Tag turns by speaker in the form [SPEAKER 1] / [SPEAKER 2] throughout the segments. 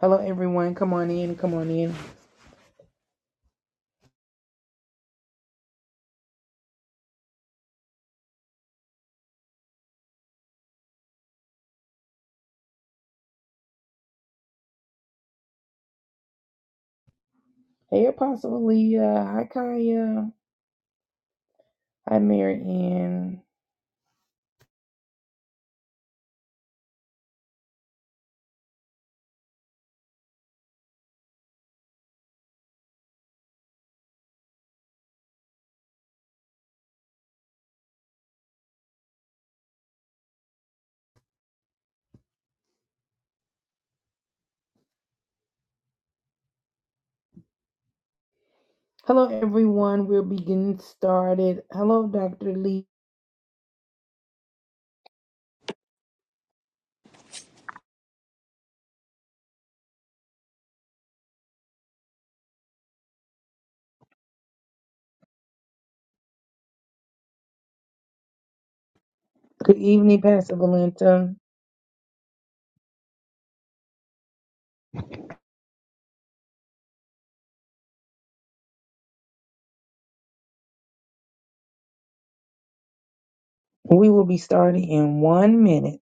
[SPEAKER 1] Hello, everyone. Come on in. Come on in. Hey, Apostle Leah. Hi, Kaya. Hi, Mary Ann. Hello, everyone. We'll be getting started. Hello, Dr. Lee. Good evening, Pastor Valenta. We will be starting in one minute.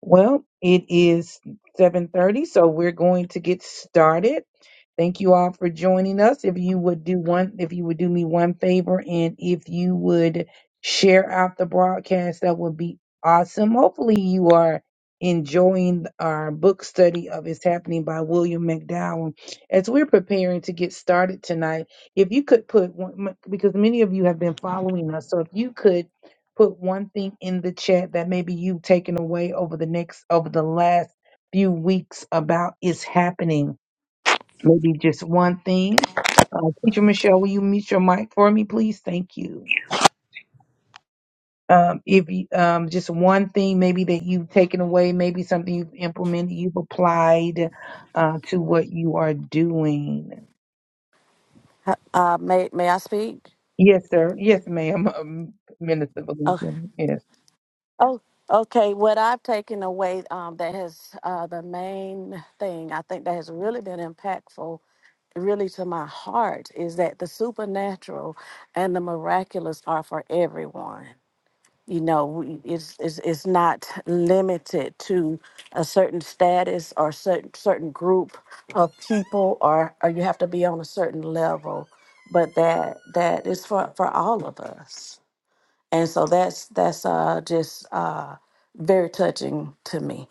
[SPEAKER 1] Well, it is 7:30, so we're going to get started. Thank you all for joining us. If you would do one if you would do me one favor and if you would share out the broadcast, that would be awesome. Hopefully you are enjoying our book study of It's Happening by William McDowell. As we're preparing to get started tonight, if you could put one because many of you have been following us, so if you could put one thing in the chat that maybe you've taken away over the next over the last few weeks about is happening. Maybe just one thing. Uh, Teacher Michelle, will you mute your mic for me, please? Thank you. Um, if you, um, just one thing maybe that you've taken away, maybe something you've implemented, you've applied uh, to what you are doing.
[SPEAKER 2] Uh, uh, may may I speak?
[SPEAKER 1] Yes, sir. Yes, ma'am. Um, Minister
[SPEAKER 2] Oh,
[SPEAKER 1] Valencia. Yes.
[SPEAKER 2] oh, okay. What I've taken away um, that has uh, the main thing I think that has really been impactful, really to my heart, is that the supernatural and the miraculous are for everyone. You know, we- it's it's, it's not limited to a certain status or certain certain group of people, or or you have to be on a certain level, but that that is for for all of us. and so that's that's uh just uh very touching to me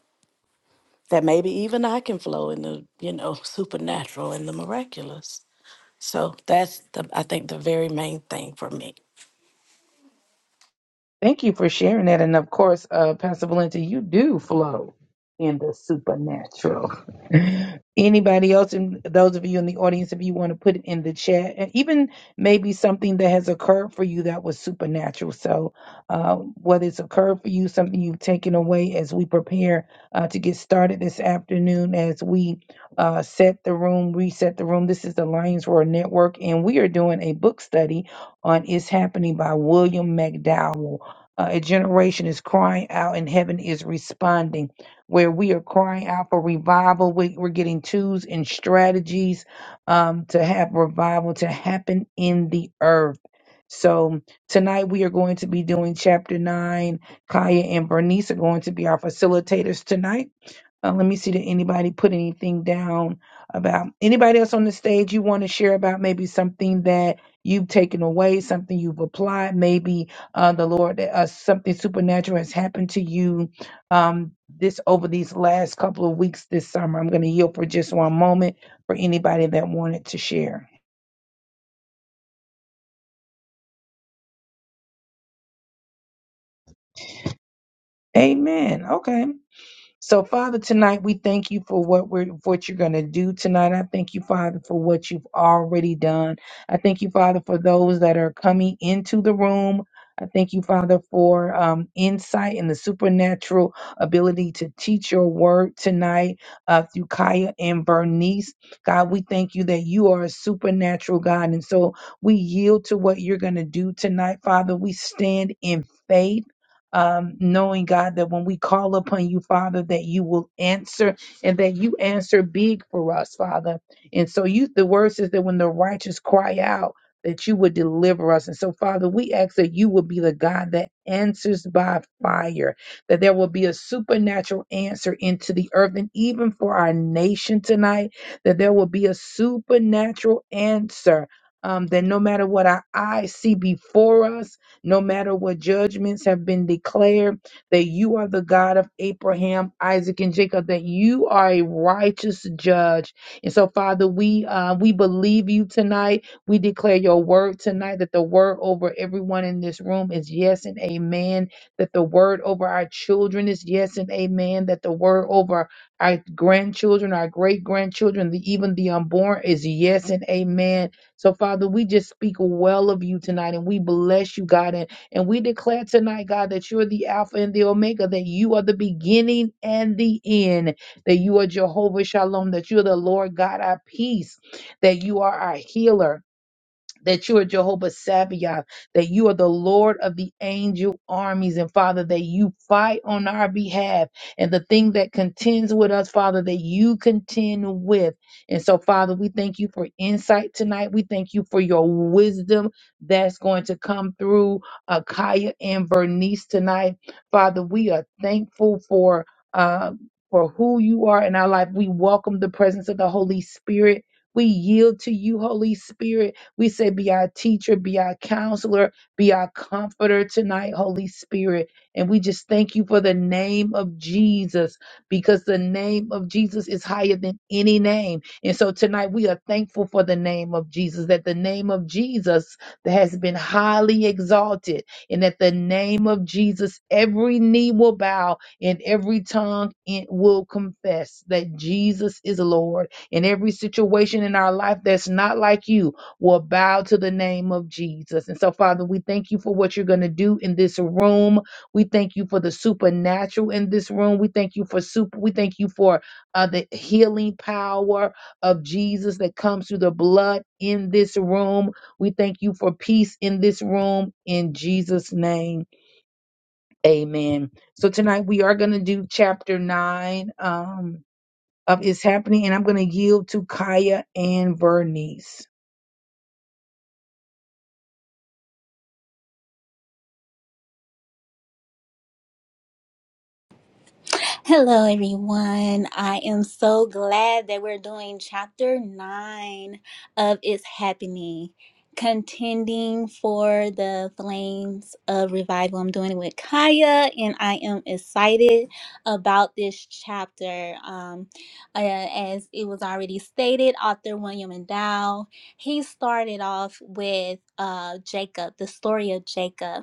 [SPEAKER 2] that maybe even i can flow in the you know supernatural and the miraculous so that's the i think the very main thing for me
[SPEAKER 1] Thank you for sharing that. And of course, uh, Pastor Valenti, you do flow in the supernatural. Anybody else, and those of you in the audience, if you want to put it in the chat, and even maybe something that has occurred for you that was supernatural. So, uh, whether it's occurred for you, something you've taken away as we prepare uh, to get started this afternoon, as we uh, set the room, reset the room. This is the Lions Roar Network, and we are doing a book study on It's Happening by William McDowell. Uh, a generation is crying out and heaven is responding. Where we are crying out for revival, we, we're getting tools and strategies um, to have revival to happen in the earth. So tonight we are going to be doing chapter nine. Kaya and Bernice are going to be our facilitators tonight uh, let me see did anybody put anything down about anybody else on the stage you want to share about maybe something that you've taken away, something you've applied, maybe uh, the Lord, uh, something supernatural has happened to you um, this over these last couple of weeks this summer. I'm going to yield for just one moment for anybody that wanted to share. Amen. Okay. So, Father, tonight we thank you for what we're what you're going to do tonight. I thank you, Father, for what you've already done. I thank you, Father, for those that are coming into the room. I thank you, Father, for um, insight and the supernatural ability to teach your word tonight uh, through Kaya and Bernice. God, we thank you that you are a supernatural God. And so we yield to what you're going to do tonight, Father. We stand in faith um, knowing God that when we call upon you, Father, that you will answer and that you answer big for us, Father. And so you, the word says that when the righteous cry out, that you would deliver us. And so, Father, we ask that you will be the God that answers by fire, that there will be a supernatural answer into the earth, and even for our nation tonight, that there will be a supernatural answer. Um, that no matter what our eyes see before us, no matter what judgments have been declared, that you are the God of Abraham, Isaac, and Jacob, that you are a righteous judge. And so, Father, we uh, we believe you tonight. We declare your word tonight that the word over everyone in this room is yes and amen. That the word over our children is yes and amen. That the word over our grandchildren, our great grandchildren, even the unborn is yes and amen so, Father, we just speak well of you tonight and we bless you, God. And, and we declare tonight, God, that you're the Alpha and the Omega, that you are the beginning and the end, that you are Jehovah Shalom, that you're the Lord God, our peace, that you are our healer that you are Jehovah Sabaoth, that you are the Lord of the angel armies, and Father, that you fight on our behalf, and the thing that contends with us, Father, that you contend with. And so, Father, we thank you for insight tonight. We thank you for your wisdom that's going to come through Akaya and Bernice tonight. Father, we are thankful for uh, for who you are in our life. We welcome the presence of the Holy Spirit. We yield to you, Holy Spirit. We say, Be our teacher, be our counselor, be our comforter tonight, Holy Spirit. And we just thank you for the name of Jesus because the name of Jesus is higher than any name. And so tonight we are thankful for the name of Jesus, that the name of Jesus has been highly exalted, and that the name of Jesus, every knee will bow and every tongue in- will confess that Jesus is Lord. In every situation in our life that's not like you, will bow to the name of Jesus. And so, Father, we thank you for what you're going to do in this room. We thank you for the supernatural in this room. We thank you for super. We thank you for uh, the healing power of Jesus that comes through the blood in this room. We thank you for peace in this room. In Jesus' name, Amen. So tonight we are going to do chapter nine um, of It's Happening, and I'm going to yield to Kaya and Vernice.
[SPEAKER 3] Hello, everyone. I am so glad that we're doing chapter nine of It's Happening, contending for the flames of revival. I'm doing it with Kaya, and I am excited about this chapter. Um, uh, as it was already stated, author William Endow, he started off with uh, Jacob, the story of Jacob.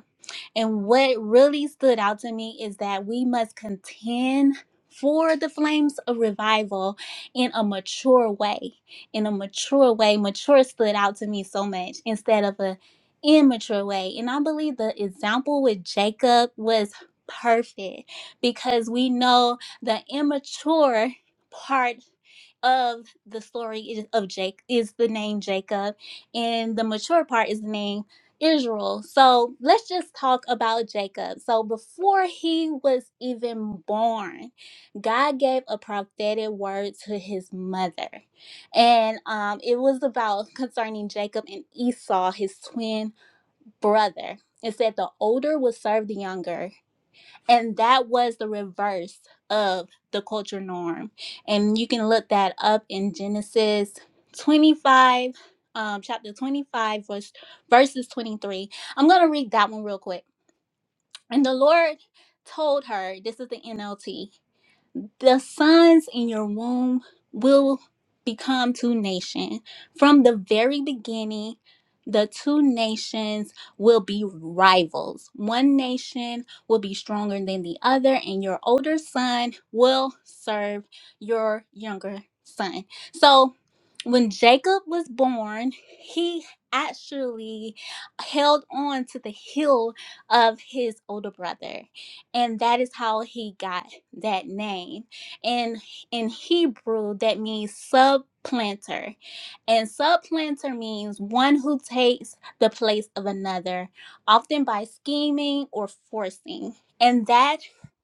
[SPEAKER 3] And what really stood out to me is that we must contend for the flames of revival in a mature way. In a mature way, mature stood out to me so much instead of a immature way. And I believe the example with Jacob was perfect because we know the immature part of the story is- of Jake is the name Jacob, and the mature part is the name Israel. So let's just talk about Jacob. So before he was even born, God gave a prophetic word to his mother. And um, it was about concerning Jacob and Esau, his twin brother. It said the older would serve the younger and that was the reverse of the culture norm and you can look that up in genesis 25 um, chapter 25 verse verses 23 i'm gonna read that one real quick and the lord told her this is the nlt the sons in your womb will become two nations. From the very beginning, the two nations will be rivals. One nation will be stronger than the other, and your older son will serve your younger son. So, when Jacob was born, he actually held on to the heel of his older brother and that is how he got that name and in hebrew that means subplanter and subplanter means one who takes the place of another often by scheming or forcing and that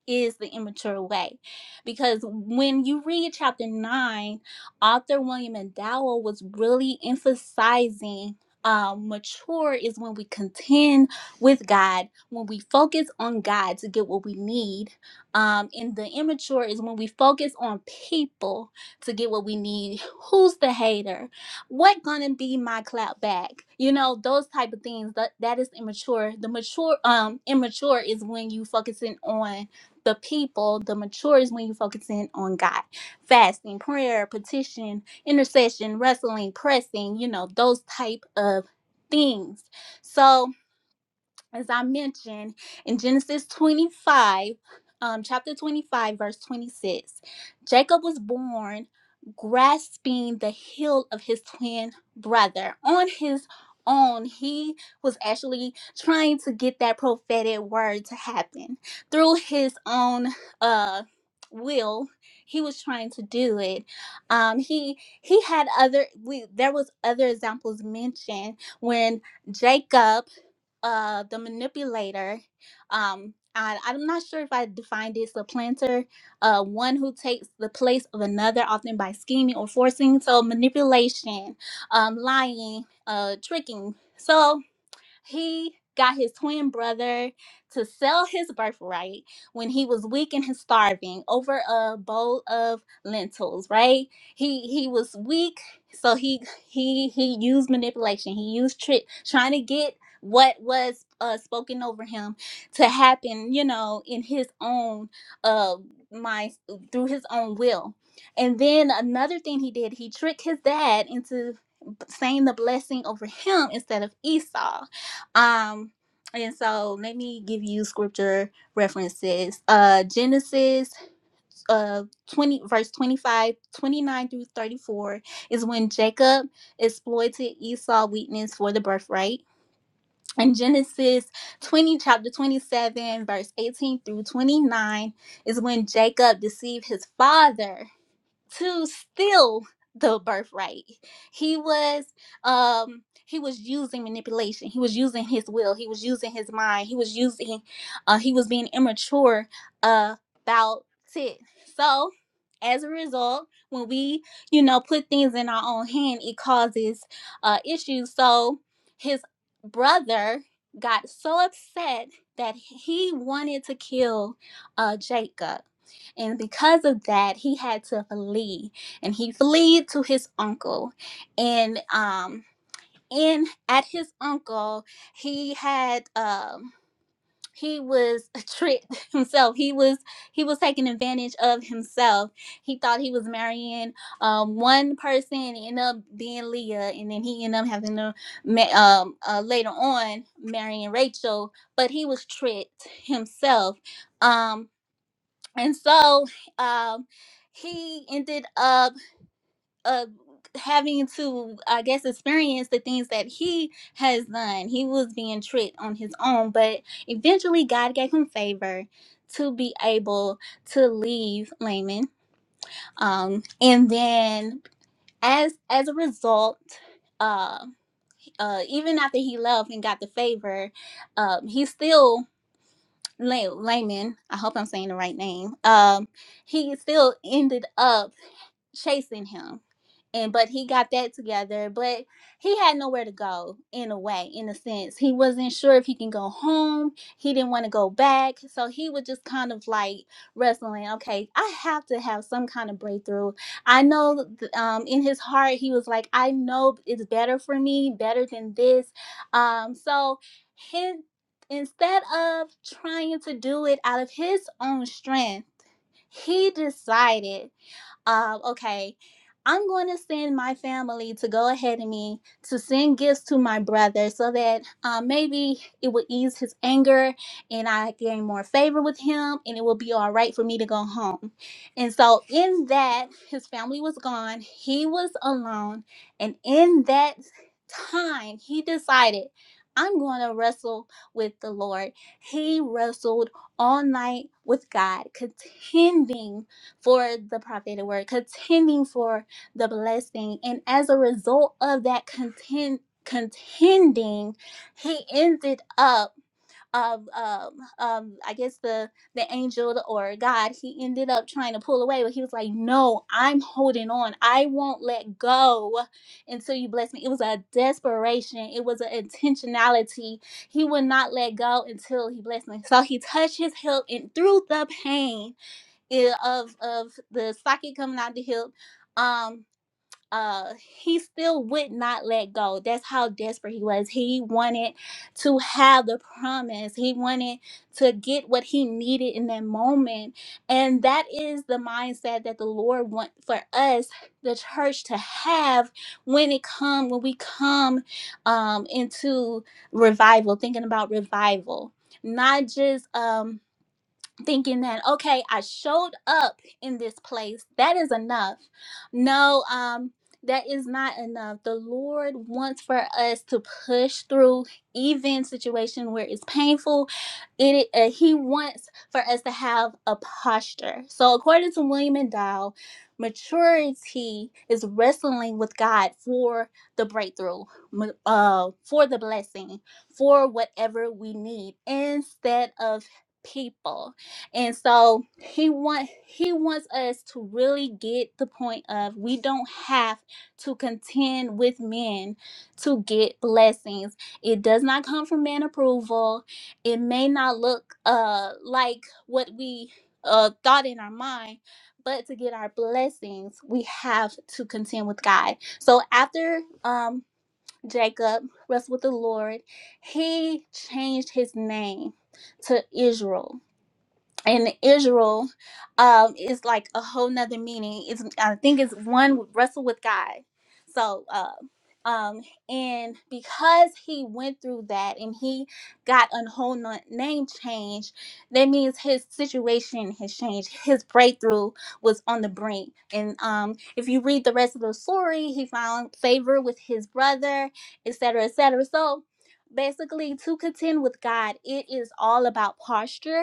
[SPEAKER 3] is the immature way because when you read chapter 9 Author William Endowell was really emphasizing um, mature is when we contend with God, when we focus on God to get what we need. Um, and the immature is when we focus on people to get what we need. Who's the hater? What gonna be my clap back? You know, those type of things. That that is immature. The mature um immature is when you focusing on the people. The mature is when you focusing on God fasting, prayer, petition, intercession, wrestling, pressing, you know, those type of things. So, as I mentioned in Genesis 25, um, chapter 25, verse 26, Jacob was born grasping the heel of his twin brother on his own. He was actually trying to get that prophetic word to happen through his own uh will. He was trying to do it. Um, he he had other we there was other examples mentioned when Jacob uh the manipulator um I, i'm not sure if i defined this a planter uh one who takes the place of another often by scheming or forcing so manipulation um lying uh tricking so he got his twin brother to sell his birthright when he was weak and his starving over a bowl of lentils, right? He he was weak, so he he he used manipulation. He used trick trying to get what was uh, spoken over him to happen, you know, in his own uh mind through his own will. And then another thing he did, he tricked his dad into saying the blessing over him instead of Esau um, and so let me give you scripture references. Uh Genesis uh 20 verse 25 29 through 34 is when Jacob exploited Esau's weakness for the birthright. and Genesis 20, chapter 27, verse 18 through 29 is when Jacob deceived his father to steal the birthright. He was um he was using manipulation. He was using his will. He was using his mind. He was using uh he was being immature uh, about it. So as a result, when we, you know, put things in our own hand, it causes uh issues. So his brother got so upset that he wanted to kill uh Jacob and because of that, he had to flee. And he fled to his uncle. And um in at his uncle, he had um he was tricked himself. He was he was taking advantage of himself. He thought he was marrying um one person and it ended up being Leah, and then he ended up having to ma- um uh, later on marrying Rachel. But he was tricked himself. um and so um, he ended up uh, having to i guess experience the things that he has done he was being tricked on his own but eventually god gave him favor to be able to leave laman um, and then as as a result uh, uh, even after he left and got the favor um, he still La- Laman, I hope I'm saying the right name. Um, he still ended up chasing him. And but he got that together, but he had nowhere to go in a way, in a sense. He wasn't sure if he can go home. He didn't want to go back. So he was just kind of like wrestling, okay, I have to have some kind of breakthrough. I know th- um in his heart he was like, I know it's better for me, better than this. Um so his instead of trying to do it out of his own strength, he decided uh, okay, I'm going to send my family to go ahead of me to send gifts to my brother so that uh, maybe it will ease his anger and I gain more favor with him and it will be all right for me to go home. And so, in that, his family was gone, he was alone. And in that time, he decided, I'm going to wrestle with the Lord. He wrestled all night with God, contending for the prophetic word, contending for the blessing. And as a result of that contend contending, he ended up um, um, um, I guess the the angel or God, he ended up trying to pull away, but he was like, "No, I'm holding on. I won't let go until you bless me." It was a desperation. It was an intentionality. He would not let go until he blessed me. So he touched his hip, and through the pain, yeah, of of the socket coming out the hip. Um, uh, he still would not let go. That's how desperate he was. He wanted to have the promise. He wanted to get what he needed in that moment, and that is the mindset that the Lord wants for us, the church, to have when it come when we come um into revival. Thinking about revival, not just um thinking that okay i showed up in this place that is enough no um that is not enough the lord wants for us to push through even situation where it's painful it uh, he wants for us to have a posture so according to william and dow maturity is wrestling with god for the breakthrough m- uh, for the blessing for whatever we need instead of people and so he want he wants us to really get the point of we don't have to contend with men to get blessings. It does not come from man approval. It may not look uh like what we uh thought in our mind, but to get our blessings, we have to contend with God. So after um Jacob wrestled with the Lord, he changed his name to Israel in Israel um is like a whole nother meaning. It's I think it's one with- wrestle with God. So uh um and because he went through that and he got a whole no- name change, that means his situation has changed. His breakthrough was on the brink. And um if you read the rest of the story, he found favor with his brother, etc. etc. So basically to contend with God, it is all about posture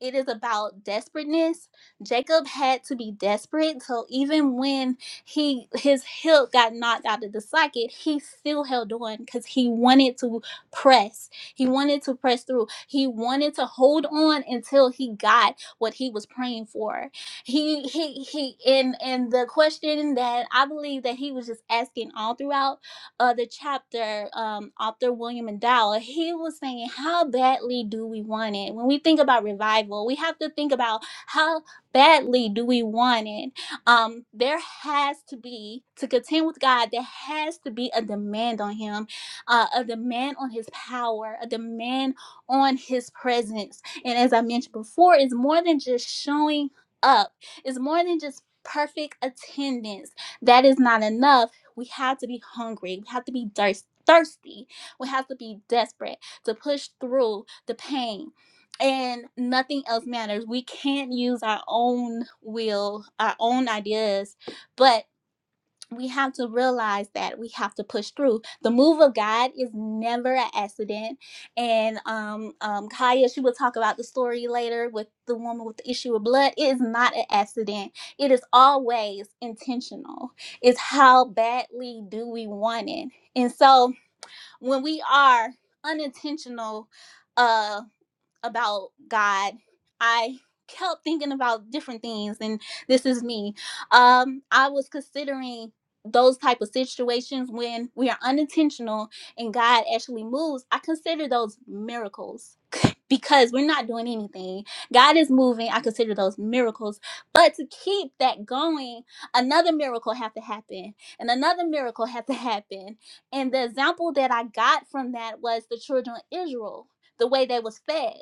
[SPEAKER 3] it is about desperateness. Jacob had to be desperate. So even when he his hilt got knocked out of the socket, he still held on because he wanted to press. He wanted to press through. He wanted to hold on until he got what he was praying for. He he he and and the question that I believe that he was just asking all throughout uh, the chapter um, author William McDowell, he was saying, How badly do we want it? When we think about revival, we have to think about how badly do we want it? Um, there has to be, to contend with God, there has to be a demand on Him, uh, a demand on His power, a demand on His presence. And as I mentioned before, it's more than just showing up, it's more than just perfect attendance. That is not enough we have to be hungry. We have to be thirst- thirsty. We have to be desperate to push through the pain. And nothing else matters. We can't use our own will, our own ideas, but we have to realize that we have to push through. The move of God is never an accident. And um, um, Kaya, she will talk about the story later with the woman with the issue of blood. It is not an accident. It is always intentional. It's how badly do we want it. And so when we are unintentional, uh, about God, I kept thinking about different things and this is me. Um I was considering those type of situations when we are unintentional and God actually moves. I consider those miracles because we're not doing anything. God is moving. I consider those miracles. But to keep that going, another miracle have to happen and another miracle had to happen. And the example that I got from that was the children of Israel, the way they was fed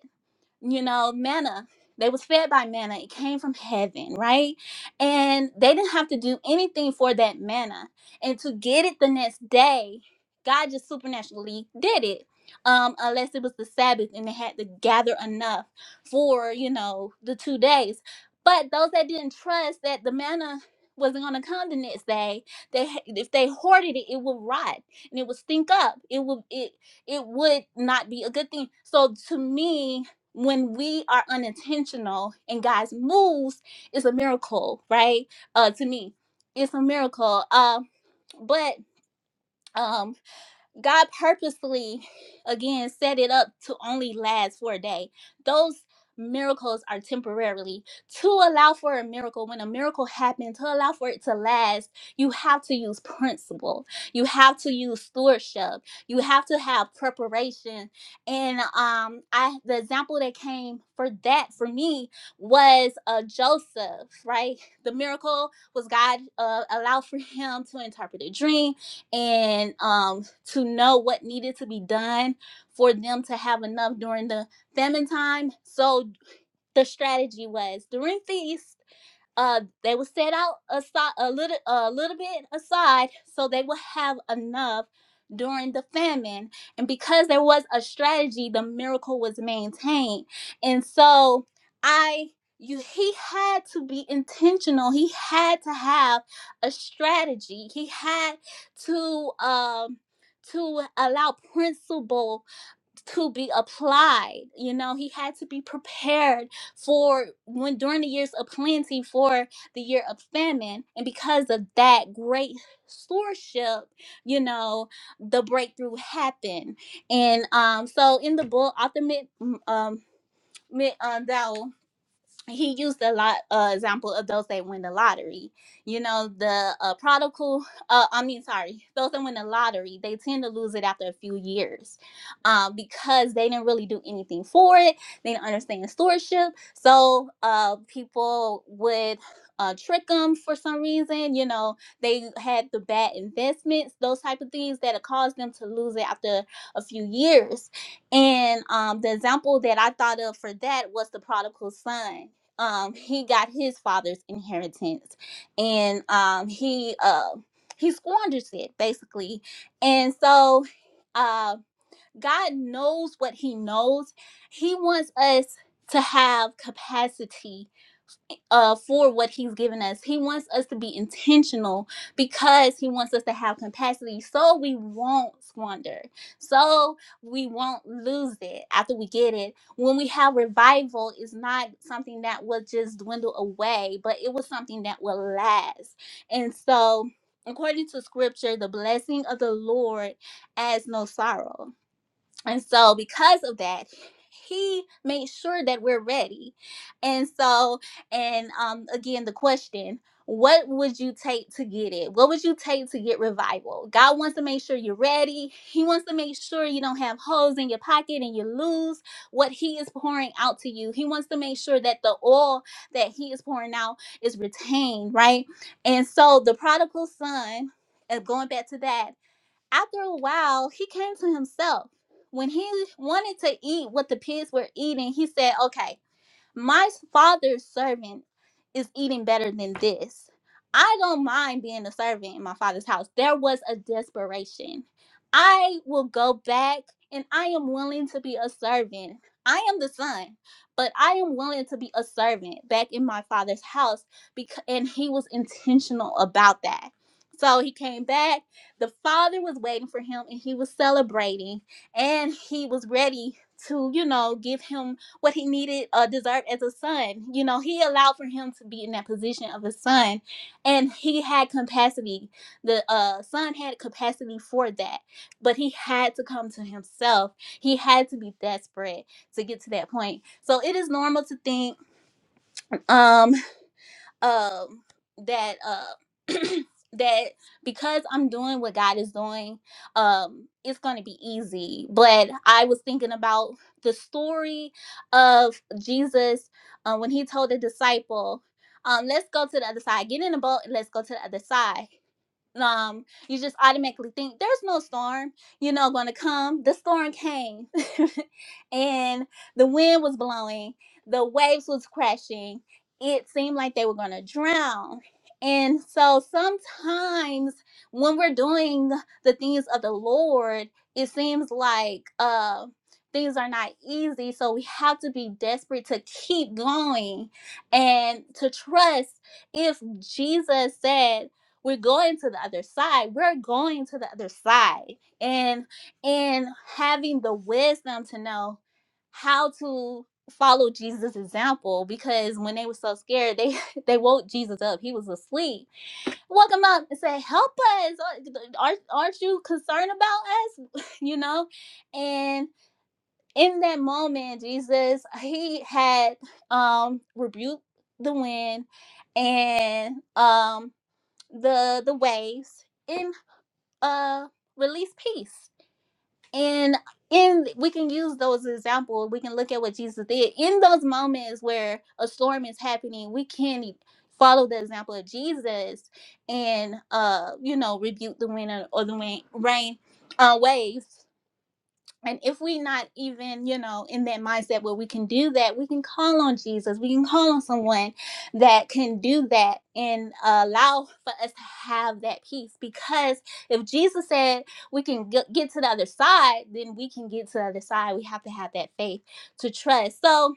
[SPEAKER 3] you know, manna. They was fed by manna. It came from heaven, right? And they didn't have to do anything for that manna. And to get it the next day, God just supernaturally did it. Um, unless it was the Sabbath and they had to gather enough for, you know, the two days. But those that didn't trust that the manna wasn't gonna come the next day, they if they hoarded it, it would rot and it would stink up. It would it it would not be a good thing. So to me, when we are unintentional and God's moves it's a miracle, right? Uh, to me, it's a miracle. Uh, but um. God purposely, again, set it up to only last for a day. Those miracles are temporarily. To allow for a miracle, when a miracle happens, to allow for it to last, you have to use principle. You have to use stewardship. You have to have preparation. And um, I the example that came for that for me was uh, Joseph, right? The miracle was God uh, allowed for him to interpret a dream and um, to know what needed to be done for them to have enough during the famine time. So the strategy was during feast uh they would set out aside a little a little bit aside so they would have enough during the famine and because there was a strategy the miracle was maintained and so i you he had to be intentional he had to have a strategy he had to um to allow principle to be applied. You know, he had to be prepared for when during the years of plenty for the year of famine. And because of that great stewardship, you know, the breakthrough happened. And um so in the book, author mid um mid um thou he used a lot uh, example of those that win the lottery you know the uh, prodigal uh, i mean sorry those that win the lottery they tend to lose it after a few years um, because they didn't really do anything for it they didn't understand stewardship so uh, people would uh, trick them for some reason you know they had the bad investments those type of things that caused them to lose it after a few years and um, the example that i thought of for that was the prodigal son um he got his father's inheritance and um he uh he squanders it basically and so uh god knows what he knows he wants us to have capacity uh, for what he's given us. He wants us to be intentional because he wants us to have capacity so we won't squander, so we won't lose it after we get it. When we have revival, it's not something that will just dwindle away, but it was something that will last. And so, according to scripture, the blessing of the Lord adds no sorrow and so, because of that, he made sure that we're ready. And so, and um, again, the question what would you take to get it? What would you take to get revival? God wants to make sure you're ready. He wants to make sure you don't have holes in your pocket and you lose what He is pouring out to you. He wants to make sure that the oil that He is pouring out is retained, right? And so, the prodigal son, and going back to that, after a while, he came to himself. When he wanted to eat what the pigs were eating, he said, Okay, my father's servant is eating better than this. I don't mind being a servant in my father's house. There was a desperation. I will go back and I am willing to be a servant. I am the son, but I am willing to be a servant back in my father's house because and he was intentional about that. So he came back. The father was waiting for him and he was celebrating and he was ready to, you know, give him what he needed uh, deserved as a son. You know, he allowed for him to be in that position of a son, and he had capacity. The uh, son had capacity for that, but he had to come to himself. He had to be desperate to get to that point. So it is normal to think. Um, um that uh that because I'm doing what God is doing, um, it's gonna be easy. But I was thinking about the story of Jesus uh, when he told the disciple, um, let's go to the other side, get in the boat and let's go to the other side um you just automatically think there's no storm you know going to come the storm came and the wind was blowing the waves was crashing it seemed like they were going to drown and so sometimes when we're doing the things of the lord it seems like uh things are not easy so we have to be desperate to keep going and to trust if jesus said we're going to the other side we're going to the other side and and having the wisdom to know how to follow jesus example because when they were so scared they they woke jesus up he was asleep woke him up and said help us aren't, aren't you concerned about us you know and in that moment jesus he had um rebuked the wind and um the the waves and uh release peace and in we can use those as example we can look at what jesus did in those moments where a storm is happening we can e, follow the example of jesus and uh you know rebuke the wind or or the rain rain uh waves and if we not even you know in that mindset where we can do that we can call on jesus we can call on someone that can do that and allow for us to have that peace because if jesus said we can get, get to the other side then we can get to the other side we have to have that faith to trust so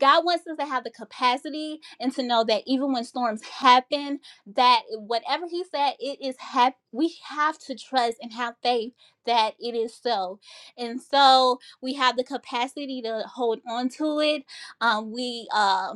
[SPEAKER 3] God wants us to have the capacity and to know that even when storms happen, that whatever He said, it is hap- we have to trust and have faith that it is so. And so we have the capacity to hold on to it. Um, we uh,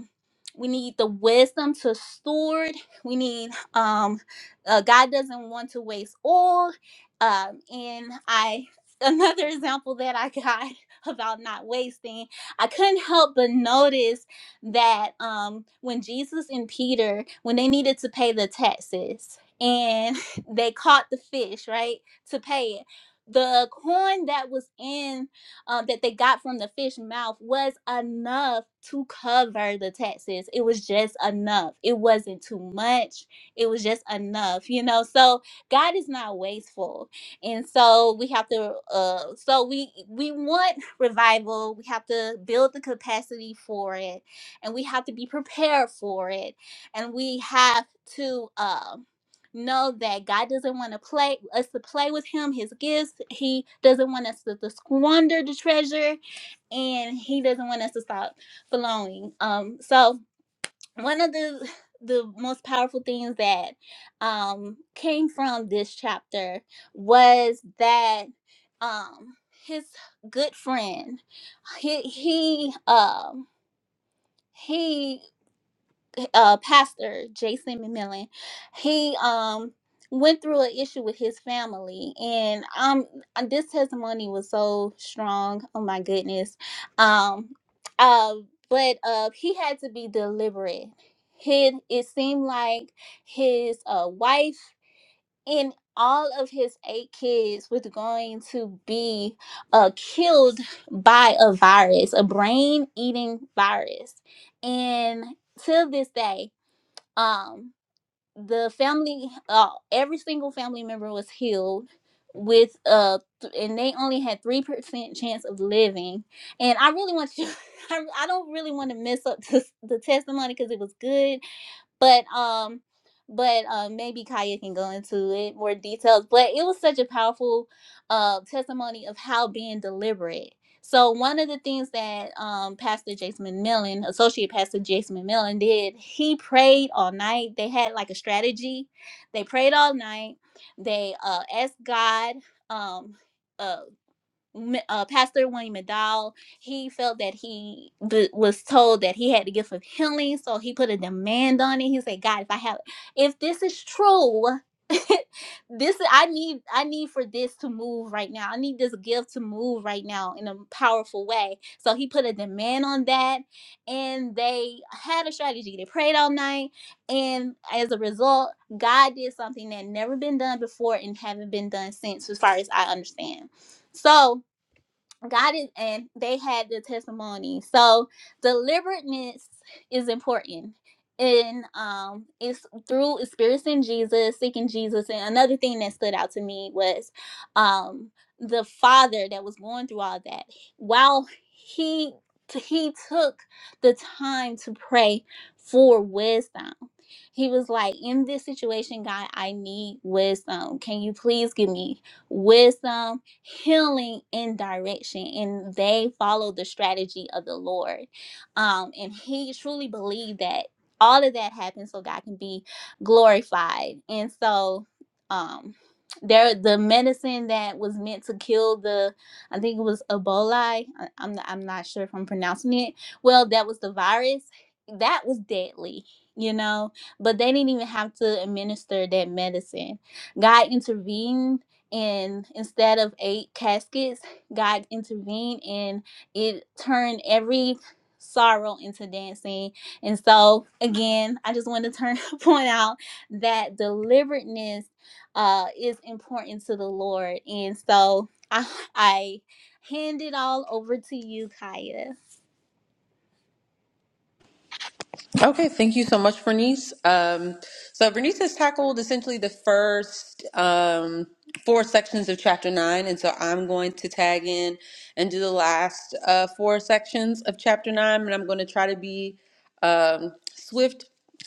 [SPEAKER 3] we need the wisdom to steward. We need um, uh, God doesn't want to waste oil. Um, and I another example that I got about not wasting I couldn't help but notice that um, when Jesus and Peter, when they needed to pay the taxes and they caught the fish, right, to pay it, the coin that was in um, that they got from the fish mouth was enough to cover the taxes. It was just enough. It wasn't too much. It was just enough, you know. So God is not wasteful and so we have to uh so we we want revival we have to build the capacity for it and we have to be prepared for it and we have to uh know that god doesn't want to play us to play with him his gifts he doesn't want us to, to squander the treasure and he doesn't want us to stop flowing um so one of the the most powerful things that um came from this chapter was that um his good friend he he um he uh, pastor Jason McMillan, he um went through an issue with his family, and um uh, this testimony was so strong. Oh my goodness, um, uh, but uh, he had to be deliberate. His it seemed like his uh wife and all of his eight kids was going to be uh killed by a virus, a brain eating virus, and till this day um the family uh every single family member was healed with uh th- and they only had three percent chance of living and i really want you I, I don't really want to mess up the, the testimony because it was good but um but uh, maybe Kaya can go into it more details. But it was such a powerful uh, testimony of how being deliberate. So one of the things that um, Pastor Jason McMillan, Associate Pastor Jason McMillan, did, he prayed all night. They had like a strategy. They prayed all night. They uh, asked God. Um, uh uh, Pastor William McDowell, he felt that he th- was told that he had the gift of healing, so he put a demand on it. He said, "God, if I have, if this is true, this I need, I need for this to move right now. I need this gift to move right now in a powerful way." So he put a demand on that, and they had a strategy. They prayed all night, and as a result, God did something that never been done before and haven't been done since, as far as I understand. So God is, and they had the testimony. So deliberateness is important. And um, it's through experiencing Jesus, seeking Jesus. And another thing that stood out to me was um, the father that was going through all that. While he he took the time to pray for wisdom. He was like, "In this situation, God, I need wisdom. Can you please give me wisdom healing and direction and they followed the strategy of the lord um and he truly believed that all of that happened so god can be glorified and so um there the medicine that was meant to kill the i think it was ebola I- i'm not, i'm not sure if i'm pronouncing it well that was the virus that was deadly you know but they didn't even have to administer that medicine god intervened and instead of eight caskets, God intervened and it turned every sorrow into dancing. And so, again, I just want to turn point out that deliberateness uh, is important to the Lord. And so, I, I hand it all over to you, Kaya.
[SPEAKER 4] Okay, thank you so much, Bernice. Um, so Bernice has tackled essentially the first um, four sections of chapter nine, and so I'm going to tag in and do the last uh, four sections of chapter nine, and I'm going to try to be um, swift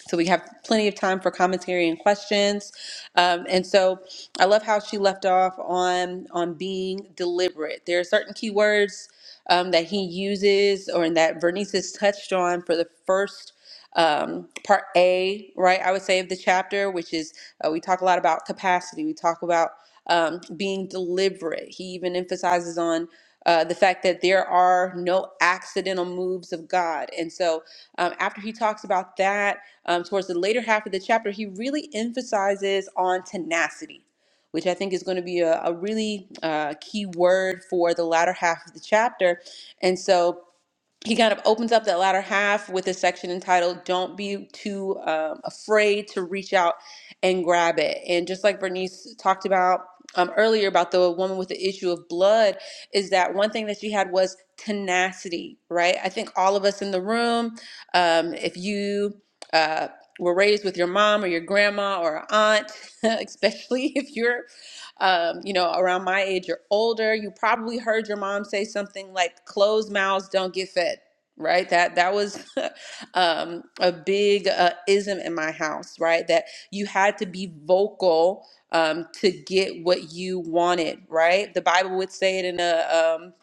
[SPEAKER 4] so we have plenty of time for commentary and questions. Um, and so I love how she left off on on being deliberate. There are certain keywords um, that he uses, or that Bernice has touched on for the first um, part A, right? I would say of the chapter, which is uh, we talk a lot about capacity. We talk about um, being deliberate. He even emphasizes on uh, the fact that there are no accidental moves of God. And so, um, after he talks about that, um, towards the later half of the chapter, he really emphasizes on tenacity. Which I think is going to be a, a really uh, key word for the latter half of the chapter. And so he kind of opens up that latter half with a section entitled don't be too um, afraid to reach out and grab it and just like bernice talked about um, earlier about the woman with the issue of blood is that one thing that she had was tenacity right i think all of us in the room um, if you uh, were raised with your mom or your grandma or aunt especially if you're um, you know, around my age or older, you probably heard your mom say something like closed mouths don't get fed. Right, that that was um, a big uh, ism in my house. Right, that you had to be vocal um, to get what you wanted. Right, the Bible would say it in a um,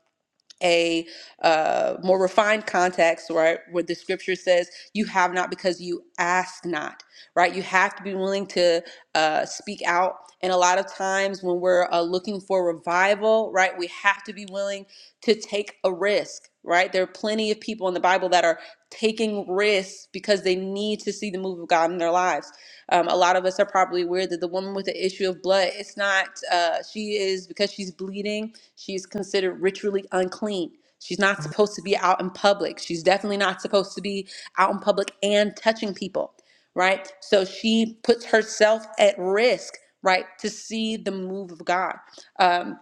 [SPEAKER 4] a uh, more refined context, right, where the scripture says, You have not because you ask not, right? You have to be willing to uh, speak out. And a lot of times when we're uh, looking for revival, right, we have to be willing to take a risk, right? There are plenty of people in the Bible that are taking risks because they need to see the move of God in their lives. Um, a lot of us are probably aware that the woman with the issue of blood, it's not, uh, she is because she's bleeding She's considered ritually unclean. She's not supposed to be out in public. She's definitely not supposed to be out in public and touching people, right? So she puts herself at risk, right, to see the move of God. Um,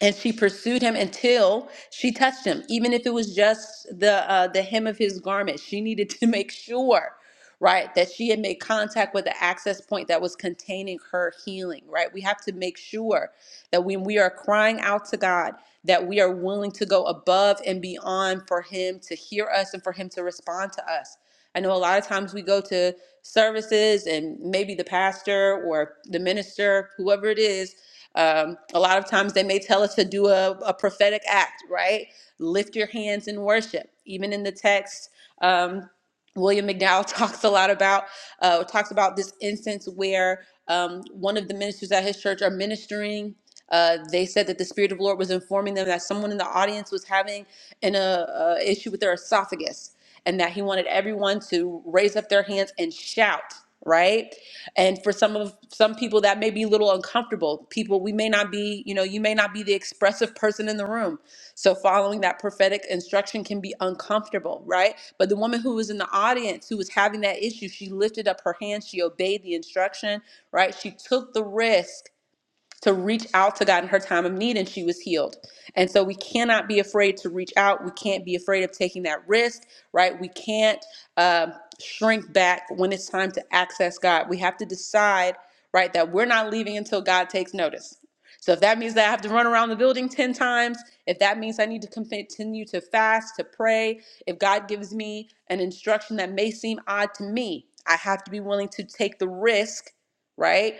[SPEAKER 4] and she pursued him until she touched him even if it was just the uh, the hem of his garment she needed to make sure right that she had made contact with the access point that was containing her healing right we have to make sure that when we are crying out to god that we are willing to go above and beyond for him to hear us and for him to respond to us i know a lot of times we go to services and maybe the pastor or the minister whoever it is um, a lot of times they may tell us to do a, a prophetic act, right? Lift your hands in worship. Even in the text, um, William McDowell talks a lot about uh, talks about this instance where um, one of the ministers at his church are ministering. Uh, they said that the spirit of the Lord was informing them that someone in the audience was having an uh, uh, issue with their esophagus, and that he wanted everyone to raise up their hands and shout. Right? and for some of some people that may be a little uncomfortable people we may not be you know you may not be the expressive person in the room so following that prophetic instruction can be uncomfortable right but the woman who was in the audience who was having that issue she lifted up her hand she obeyed the instruction right she took the risk to reach out to God in her time of need, and she was healed. And so we cannot be afraid to reach out. We can't be afraid of taking that risk, right? We can't um shrink back when it's time to access God. We have to decide, right, that we're not leaving until God takes notice. So if that means that I have to run around the building 10 times, if that means I need to continue to fast, to pray, if God gives me an instruction that may seem odd to me, I have to be willing to take the risk, right?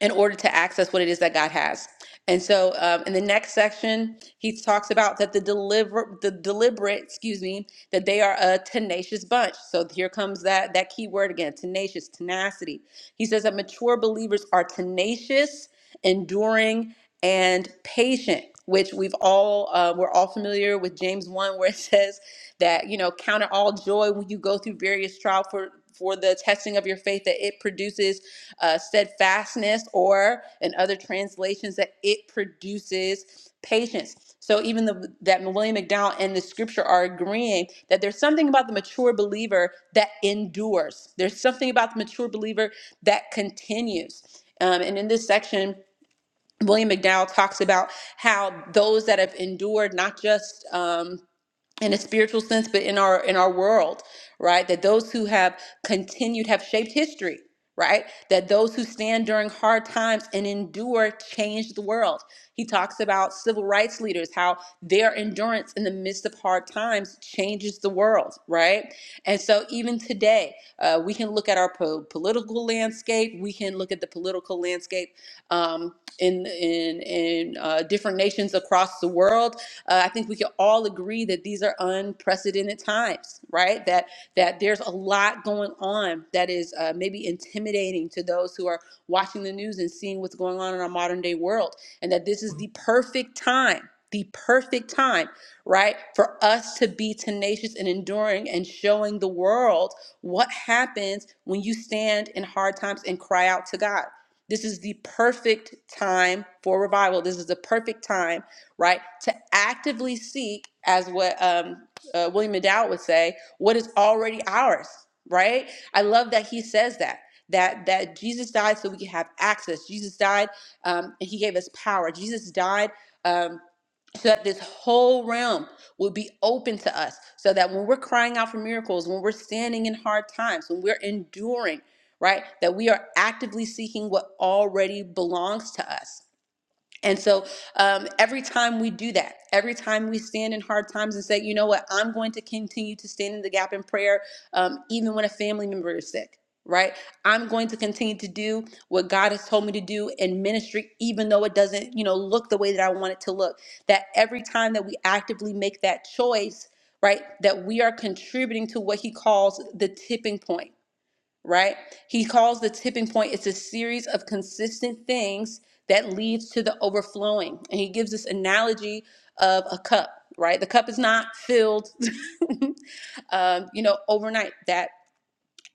[SPEAKER 4] in order to access what it is that God has. And so, um, in the next section, he talks about that the deliver, the deliberate, excuse me, that they are a tenacious bunch. So here comes that that key word again: tenacious, tenacity. He says that mature believers are tenacious, enduring, and patient. Which we've all uh, we're all familiar with James one, where it says that you know count it all joy when you go through various trial for for the testing of your faith that it produces uh, steadfastness, or in other translations, that it produces patience. So even the, that William McDowell and the scripture are agreeing that there's something about the mature believer that endures. There's something about the mature believer that continues. Um, and in this section, William McDowell talks about how those that have endured not just um, in a spiritual sense but in our in our world right that those who have continued have shaped history right that those who stand during hard times and endure change the world he talks about civil rights leaders how their endurance in the midst of hard times changes the world right and so even today uh, we can look at our po- political landscape we can look at the political landscape um, in in in uh, different nations across the world uh, I think we can all agree that these are unprecedented times, right? That that there's a lot going on that is uh, maybe intimidating to those who are watching the news and seeing what's going on in our modern day world, and that this is the perfect time. The perfect time, right, for us to be tenacious and enduring and showing the world what happens when you stand in hard times and cry out to God. This is the perfect time for revival. This is the perfect time right? To actively seek, as what um, uh, William McDowell would say, what is already ours, right? I love that he says that. That, that Jesus died so we could have access. Jesus died um, and he gave us power. Jesus died um, so that this whole realm will be open to us. So that when we're crying out for miracles, when we're standing in hard times, when we're enduring, right, that we are actively seeking what already belongs to us and so um, every time we do that, every time we stand in hard times and say, you know what, I'm going to continue to stand in the gap in prayer, um, even when a family member is sick, right? I'm going to continue to do what God has told me to do in ministry, even though it doesn't, you know, look the way that I want it to look. That every time that we actively make that choice, right, that we are contributing to what he calls the tipping point right? He calls the tipping point it's a series of consistent things that leads to the overflowing. And he gives this analogy of a cup, right? The cup is not filled um, you know, overnight. That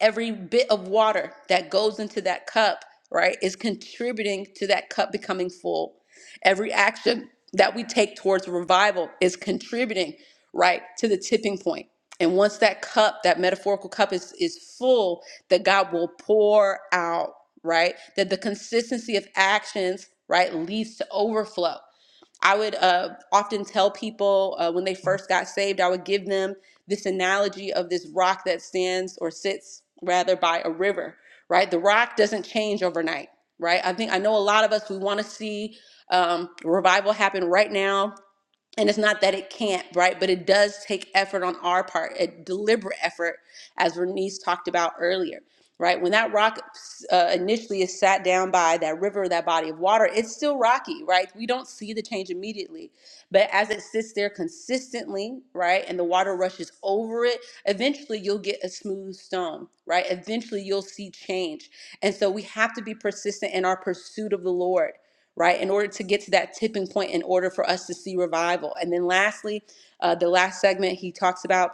[SPEAKER 4] every bit of water that goes into that cup, right, is contributing to that cup becoming full. Every action that we take towards revival is contributing, right, to the tipping point. And once that cup, that metaphorical cup is is full, that God will pour out, right? That the consistency of actions, right, leads to overflow. I would uh, often tell people uh, when they first got saved, I would give them this analogy of this rock that stands or sits rather by a river, right? The rock doesn't change overnight, right? I think I know a lot of us, we want to see um, revival happen right now and it's not that it can't right but it does take effort on our part a deliberate effort as bernice talked about earlier right when that rock uh, initially is sat down by that river that body of water it's still rocky right we don't see the change immediately but as it sits there consistently right and the water rushes over it eventually you'll get a smooth stone right eventually you'll see change and so we have to be persistent in our pursuit of the lord right? In order to get to that tipping point, in order for us to see revival. And then lastly, uh, the last segment, he talks about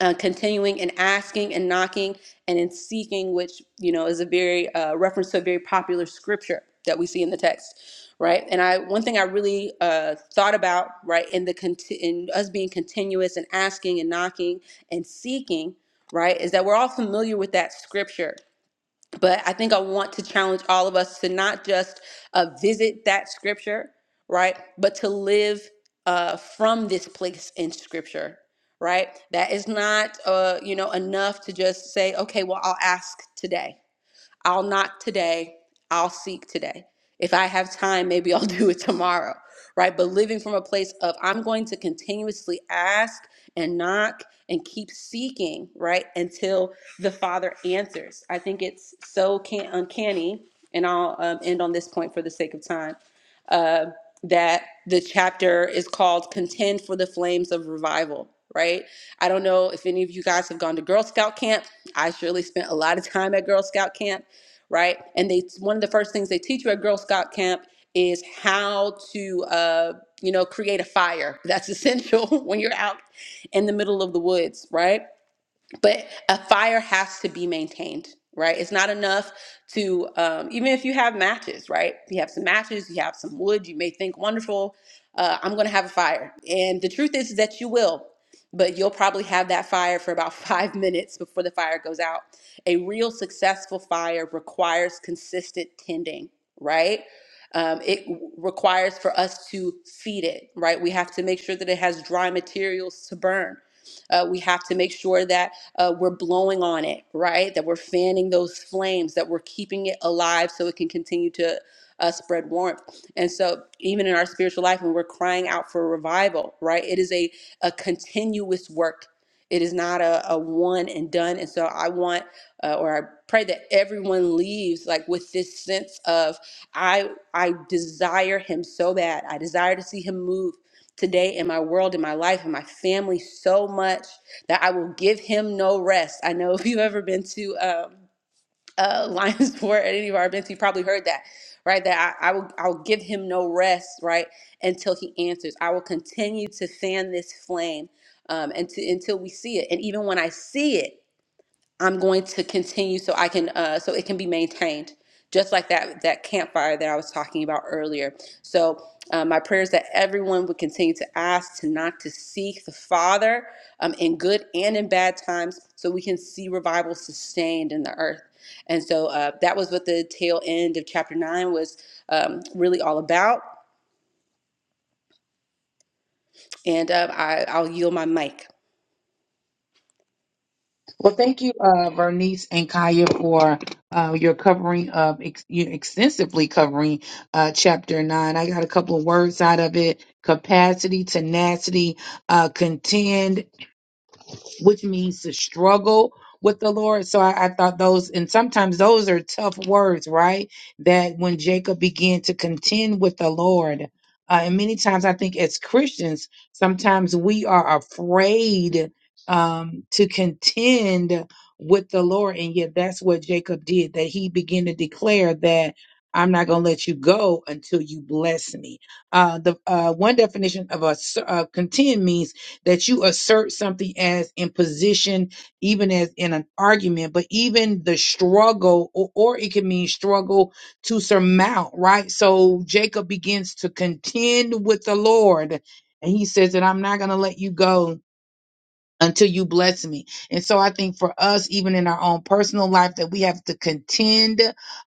[SPEAKER 4] uh, continuing and asking and knocking and in seeking, which, you know, is a very uh, reference to a very popular scripture that we see in the text. Right, and I one thing I really uh, thought about right in the conti- in us being continuous and asking and knocking and seeking, right, is that we're all familiar with that scripture, but I think I want to challenge all of us to not just uh, visit that scripture, right? But to live uh, from this place in scripture, right? That is not, uh, you know, enough to just say, okay, well, I'll ask today I'll knock today, I'll seek today. If I have time, maybe I'll do it tomorrow, right? But living from a place of I'm going to continuously ask and knock and keep seeking, right, until the Father answers. I think it's so can- uncanny, and I'll um, end on this point for the sake of time uh, that the chapter is called Contend for the Flames of Revival, right? I don't know if any of you guys have gone to Girl Scout camp. I surely spent a lot of time at Girl Scout camp, right? And they one of the first things they teach you at Girl Scout camp is how to uh, you know create a fire. That's essential when you're out in the middle of the woods, right? but a fire has to be maintained right it's not enough to um, even if you have matches right you have some matches you have some wood you may think wonderful uh, i'm going to have a fire and the truth is, that you will but you'll probably have that fire for about five minutes before the fire goes out a real successful fire requires consistent tending right um, it w- requires for us to feed it right we have to make sure that it has dry materials to burn uh, we have to make sure that uh, we're blowing on it, right? That we're fanning those flames, that we're keeping it alive so it can continue to uh, spread warmth. And so, even in our spiritual life, when we're crying out for revival, right? It is a, a continuous work. It is not a, a one and done. And so, I want uh, or I pray that everyone leaves like with this sense of I I desire him so bad. I desire to see him move today in my world, in my life, in my family so much that I will give him no rest. I know if you've ever been to um, uh, Lionsport at any of our events, you probably heard that, right? That I, I will I'll give him no rest, right, until he answers. I will continue to fan this flame um, and to, until we see it. And even when I see it. I'm going to continue so I can uh, so it can be maintained, just like that that campfire that I was talking about earlier. So uh, my prayer is that everyone would continue to ask to not to seek the Father um, in good and in bad times, so we can see revival sustained in the earth. And so uh, that was what the tail end of chapter nine was um, really all about. And uh, I, I'll yield my mic.
[SPEAKER 1] Well, thank you, uh, Bernice and Kaya, for uh, your covering of ex- you extensively covering uh, chapter nine. I got a couple of words out of it: capacity, tenacity, uh, contend which means to struggle with the Lord. So I, I thought those, and sometimes those are tough words, right? That when Jacob began to contend with the Lord, uh, and many times I think as Christians, sometimes we are afraid um, to contend with the Lord. And yet that's what Jacob did, that he began to declare that. I'm not going to let you go until you bless me. Uh, the uh, one definition of a s- uh, contend means that you assert something as in position, even as in an argument, but even the struggle, or, or it can mean struggle to surmount, right? So Jacob begins to contend with the Lord, and he says that I'm not going to let you go until you bless me. And so I think for us, even in our own personal life, that we have to contend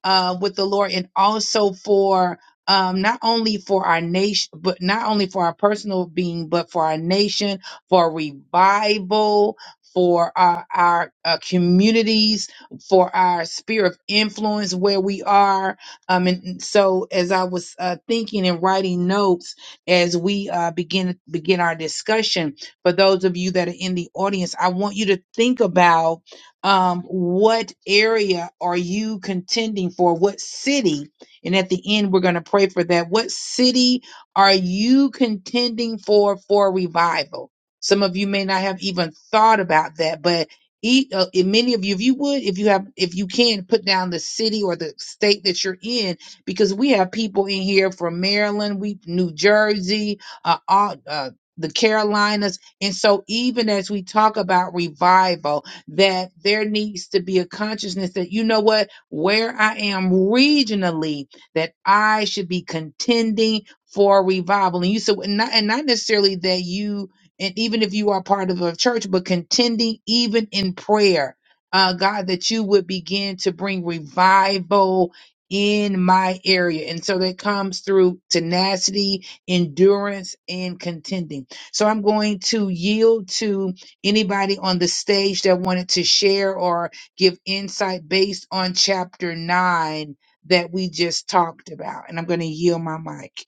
[SPEAKER 1] uh, with the Lord and also for um, not only for our nation, but not only for our personal being, but for our nation, for revival, for our, our uh, communities, for our sphere of influence where we are. Um, and so as I was uh, thinking and writing notes as we uh, begin begin our discussion, for those of you that are in the audience, I want you to think about um, what area are you contending for? What city? And at the end, we're going to pray for that. What city are you contending for for revival? Some of you may not have even thought about that, but eat, uh, and many of you, if you would, if you have, if you can, put down the city or the state that you're in, because we have people in here from Maryland, we New Jersey, uh, all, uh, the Carolinas and so, even as we talk about revival, that there needs to be a consciousness that, you know what, where I am regionally, that I should be contending for revival. And you said, and not, and not necessarily that you, and even if you are part of a church, but contending even in prayer, uh, God, that you would begin to bring revival in my area. And so that comes through tenacity, endurance, and contending. So I'm going to yield to anybody on the stage that wanted to share or give insight based on chapter nine that we just talked about. And I'm going to yield my mic.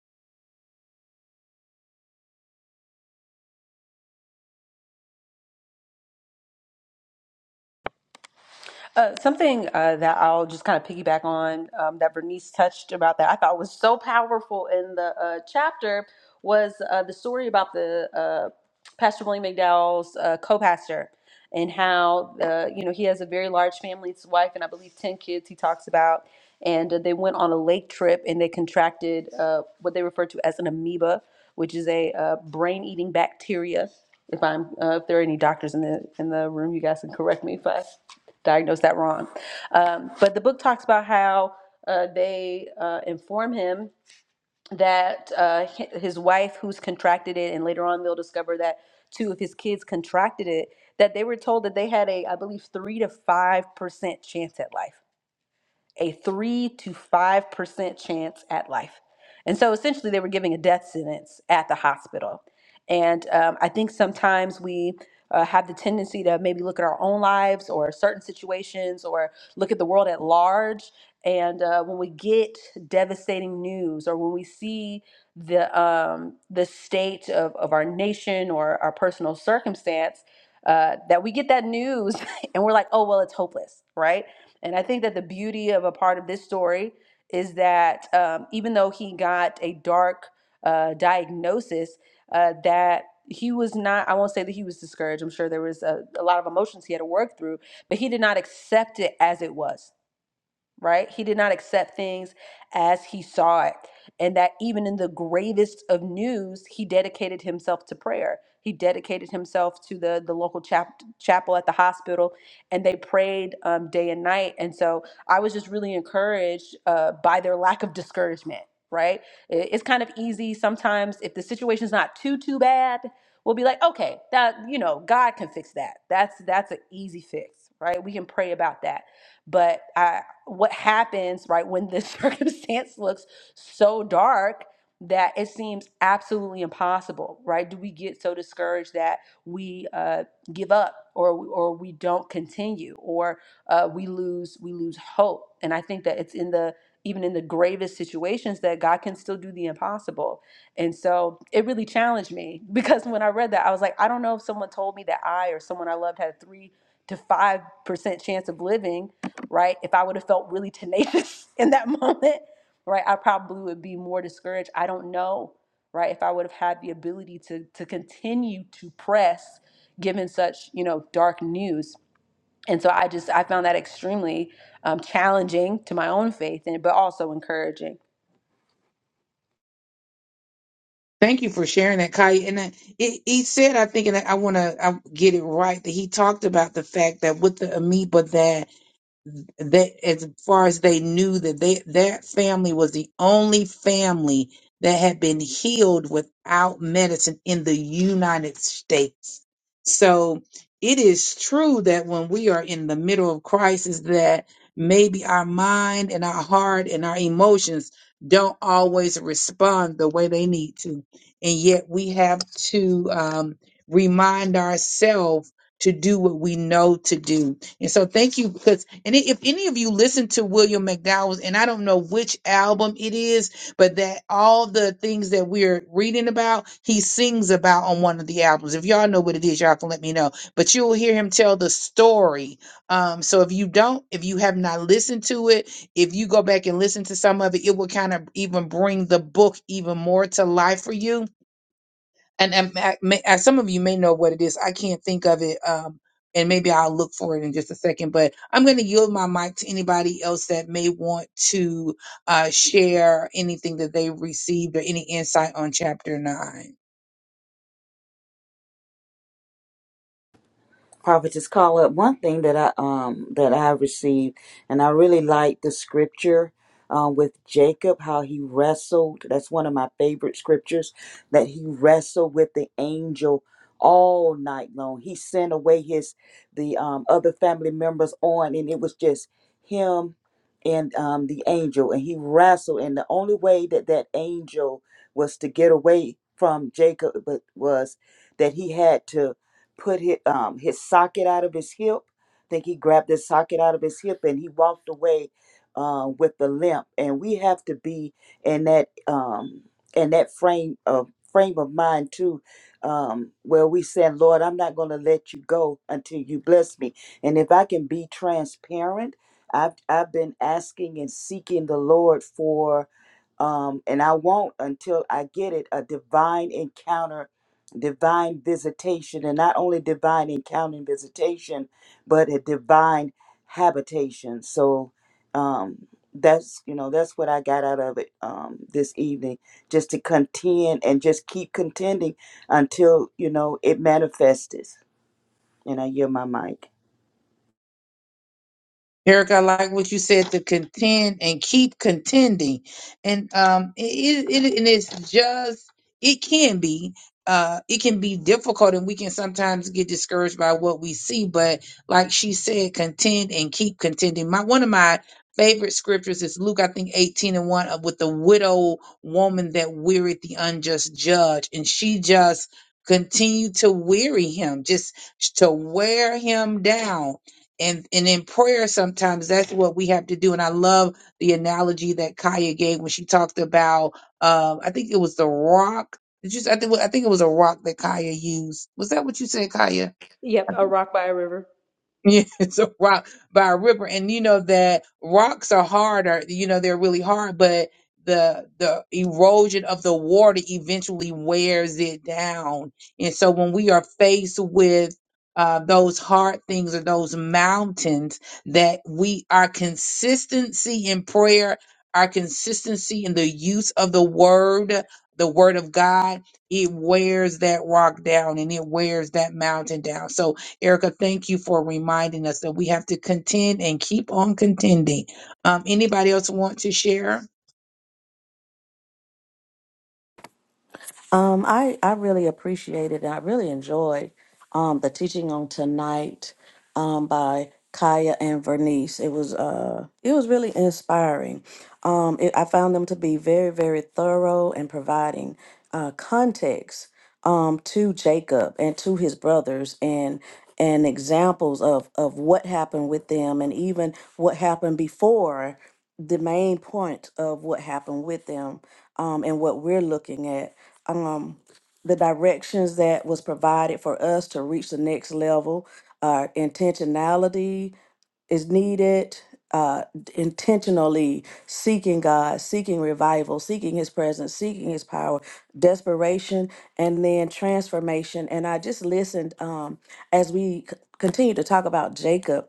[SPEAKER 4] Uh, something uh, that I'll just kind of piggyback on um, that Bernice touched about that I thought was so powerful in the uh, chapter was uh, the story about the uh, Pastor William McDowell's uh, co-pastor and how uh, you know he has a very large family, his wife and I believe ten kids. He talks about and uh, they went on a lake trip and they contracted uh, what they refer to as an amoeba, which is a uh, brain-eating bacteria. If I'm uh, if there are any doctors in the in the room, you guys can correct me if I diagnosed that wrong. Um, but the book talks about how uh, they uh, inform him that uh, his wife, who's contracted it, and later on they'll discover that two of his kids contracted it, that they were told that they had a, I believe, three to five percent chance at life a 3 to 5% chance at life. And so essentially, they were giving a death sentence at the hospital. And um, I think sometimes we uh, have the tendency to maybe look at our own lives or certain situations or look at the world at large. And uh, when we get devastating news or when we see the, um, the state of, of our nation or our personal circumstance, uh, that we get that news and we're like, oh, well, it's hopeless, right? And I think that the beauty of a part of this story is that um, even though he got a dark uh, diagnosis, uh, that he was not, I won't say that he was discouraged. I'm sure there was a, a lot of emotions he had to work through, but he did not accept it as it was right? He did not accept things as he saw it. And that even in the gravest of news, he dedicated himself to prayer. He dedicated himself to the, the local chap- chapel at the hospital, and they prayed um, day and night. And so I was just really encouraged uh, by their lack of discouragement, right? I- It's kind of easy sometimes if the situation's not too, too bad. We'll be like, okay, that you know, God can fix that. That's that's an easy fix, right? We can pray about that but I, what happens right when the circumstance looks so dark that it seems absolutely impossible right do we get so discouraged that we uh, give up or we- or we don't continue or uh, we lose we lose hope and i think that it's in the even in the gravest situations that god can still do the impossible and so it really challenged me because when i read that i was like i don't know if someone told me that i or someone i loved had a three to five percent chance of living right? If I would have felt really tenacious in that moment, right, I probably would be more discouraged. I don't know, right? If I would have had the ability to to continue to press given such, you know, dark news. And so I just I found that extremely um, challenging to my own faith and but also encouraging.
[SPEAKER 1] Thank you for sharing that, Kai. And I- it, he said, I think, and I want to I wanna- I get it right, that he talked about the fact that with the amoeba that they as far as they knew that they that family was the only family that had been healed without medicine in the United States. So it is true that when we are in the middle of crisis that maybe our mind and our heart and our emotions don't always respond the way they need to. And yet we have to um, remind ourselves to do what we know to do and so thank you because and if any of you listen to William McDowell's and I don't know which album it is, but that all the things that we're reading about, he sings about on one of the albums. If y'all know what it is, y'all can let me know. But you will hear him tell the story. Um, so if you don't, if you have not listened to it, if you go back and listen to some of it, it will kind of even bring the book even more to life for you and, and I- may, uh, some of you may know what it is. I can't think of it, um, and maybe I'll look for it in just a second. But I'm going to yield my mic to anybody else that may want to uh, share anything that they received or any insight on chapter nine.
[SPEAKER 5] prophetess Carla, one thing that I um that I received, and I really like the scripture um, with Jacob, how he wrestled. That's one of my favorite scriptures that he wrestled with the angel all night long. He sent away his the um, other family members on, and it was just him and um, the angel, and he wrestled. And the only way that that angel was to get away from Jacob but was that he had to put his, um, his socket out of his hip. I think he grabbed his socket out of his hip and he walked away uh, with the limp. And we have to be in that um, in that frame of frame of mind too, um, where we saying, Lord, I'm not going to let you go until you bless me. And if I can be transparent, I've I've been asking and seeking the Lord for um, and I won't until I get it a divine encounter, divine visitation, and not only divine encounter and visitation, but a divine habitation. So um, that's you know that's what I got out of it um, this evening, just to contend and just keep contending until you know it manifests. And I yield my mic.
[SPEAKER 1] Eric, I like what you said to contend and keep contending, and um, it, it, and it's just it can be uh it can be difficult, and we can sometimes get discouraged by what we see. But like she said, contend and keep contending. My one of my favorite scriptures is Luke, I think eighteen and one, uh, with the widow woman that wearied the unjust judge, and she just continued to weary him, just to wear him down and and in prayer sometimes that's what we have to do and i love the analogy that kaya gave when she talked about um i think it was the rock did you i think i think it was a rock that kaya used was that what you said kaya
[SPEAKER 4] Yep, a rock by a river.
[SPEAKER 1] yeah, it's a rock by a river, and you know that rocks are harder. You know they're really hard, but the the erosion of the water eventually wears it down. And so when we are faced with uh, those hard things or those mountains, that we our consistency in prayer, our consistency in the use of the word, the word of God, it wears that rock down and it wears that mountain down. So Erica, thank you for reminding us that we have to contend and keep on contending. Um, anybody else want to share?
[SPEAKER 2] Um, I, I really appreciated and I really enjoyed um, the teaching on tonight um, by Kaya and Vernice. It was uh, it was really inspiring. Um, it, I found them to be very very thorough and providing uh, context um, to Jacob and to his brothers and and examples of of what happened with them and even what happened before the main point of what happened with them um, and what we're looking at um, the directions that was provided for us to reach the next level uh, intentionality is needed uh, d- intentionally seeking god seeking revival seeking his presence seeking his power desperation and then transformation and i just listened um, as we c- continue to talk about jacob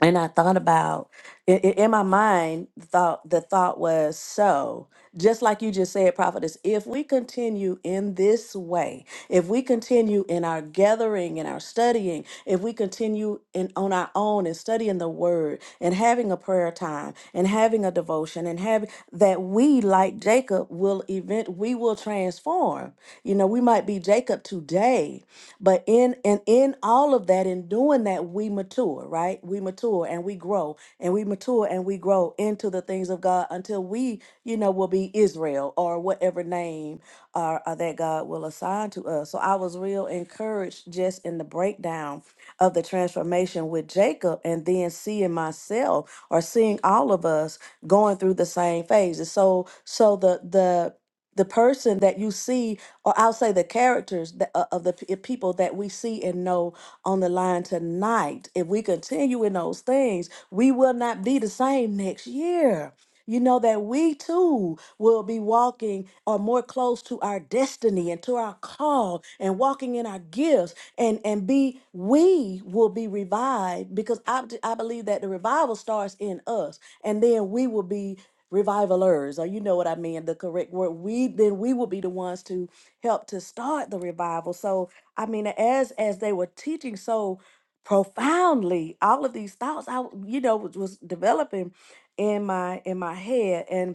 [SPEAKER 2] and I thought about i- i- in my mind the thought the thought was so just like you just said prophetess if we continue in this way if we continue in our gathering and our studying if we continue in on our own and studying the word and having a prayer time and having a devotion and having that we like Jacob will event we will transform you know we might be Jacob today but in and in all of that, in doing that, we mature, right? We mature and we grow and we mature and we grow into the things of God until we, you know, will be Israel or whatever name uh, uh, that God will assign to us. So I was real encouraged just in the breakdown of the transformation with Jacob and then seeing myself or seeing all of us going through the same phases. So so the the the person that you see or I'll say the characters that, uh, of the p- eh, people that we see and know on the line tonight. If we continue in those things, we will not be the same next year. You know that we too will be walking or more close to our destiny and to our call and walking in our gifts and and be we will be revived because I, I believe that the revival starts in us and then we will be revivalers or you know what I mean the correct word we then we will be the ones to helped to start the revival. So I mean, as as they were teaching so profoundly, all of these thoughts I w- you know was, was developing in my in my head, and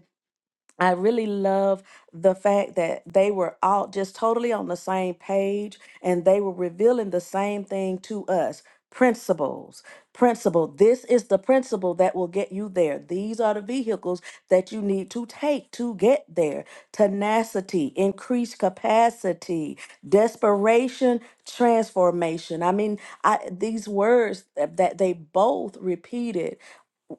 [SPEAKER 2] I really love the fact that they were all just totally on the same page and they were revealing the same thing to us principles. Principle. This is the principle that will get you there. These are the vehicles that you need to take to get there. Tenacity, increased capacity, desperation, transformation. I mean, I, these words that that they both repeated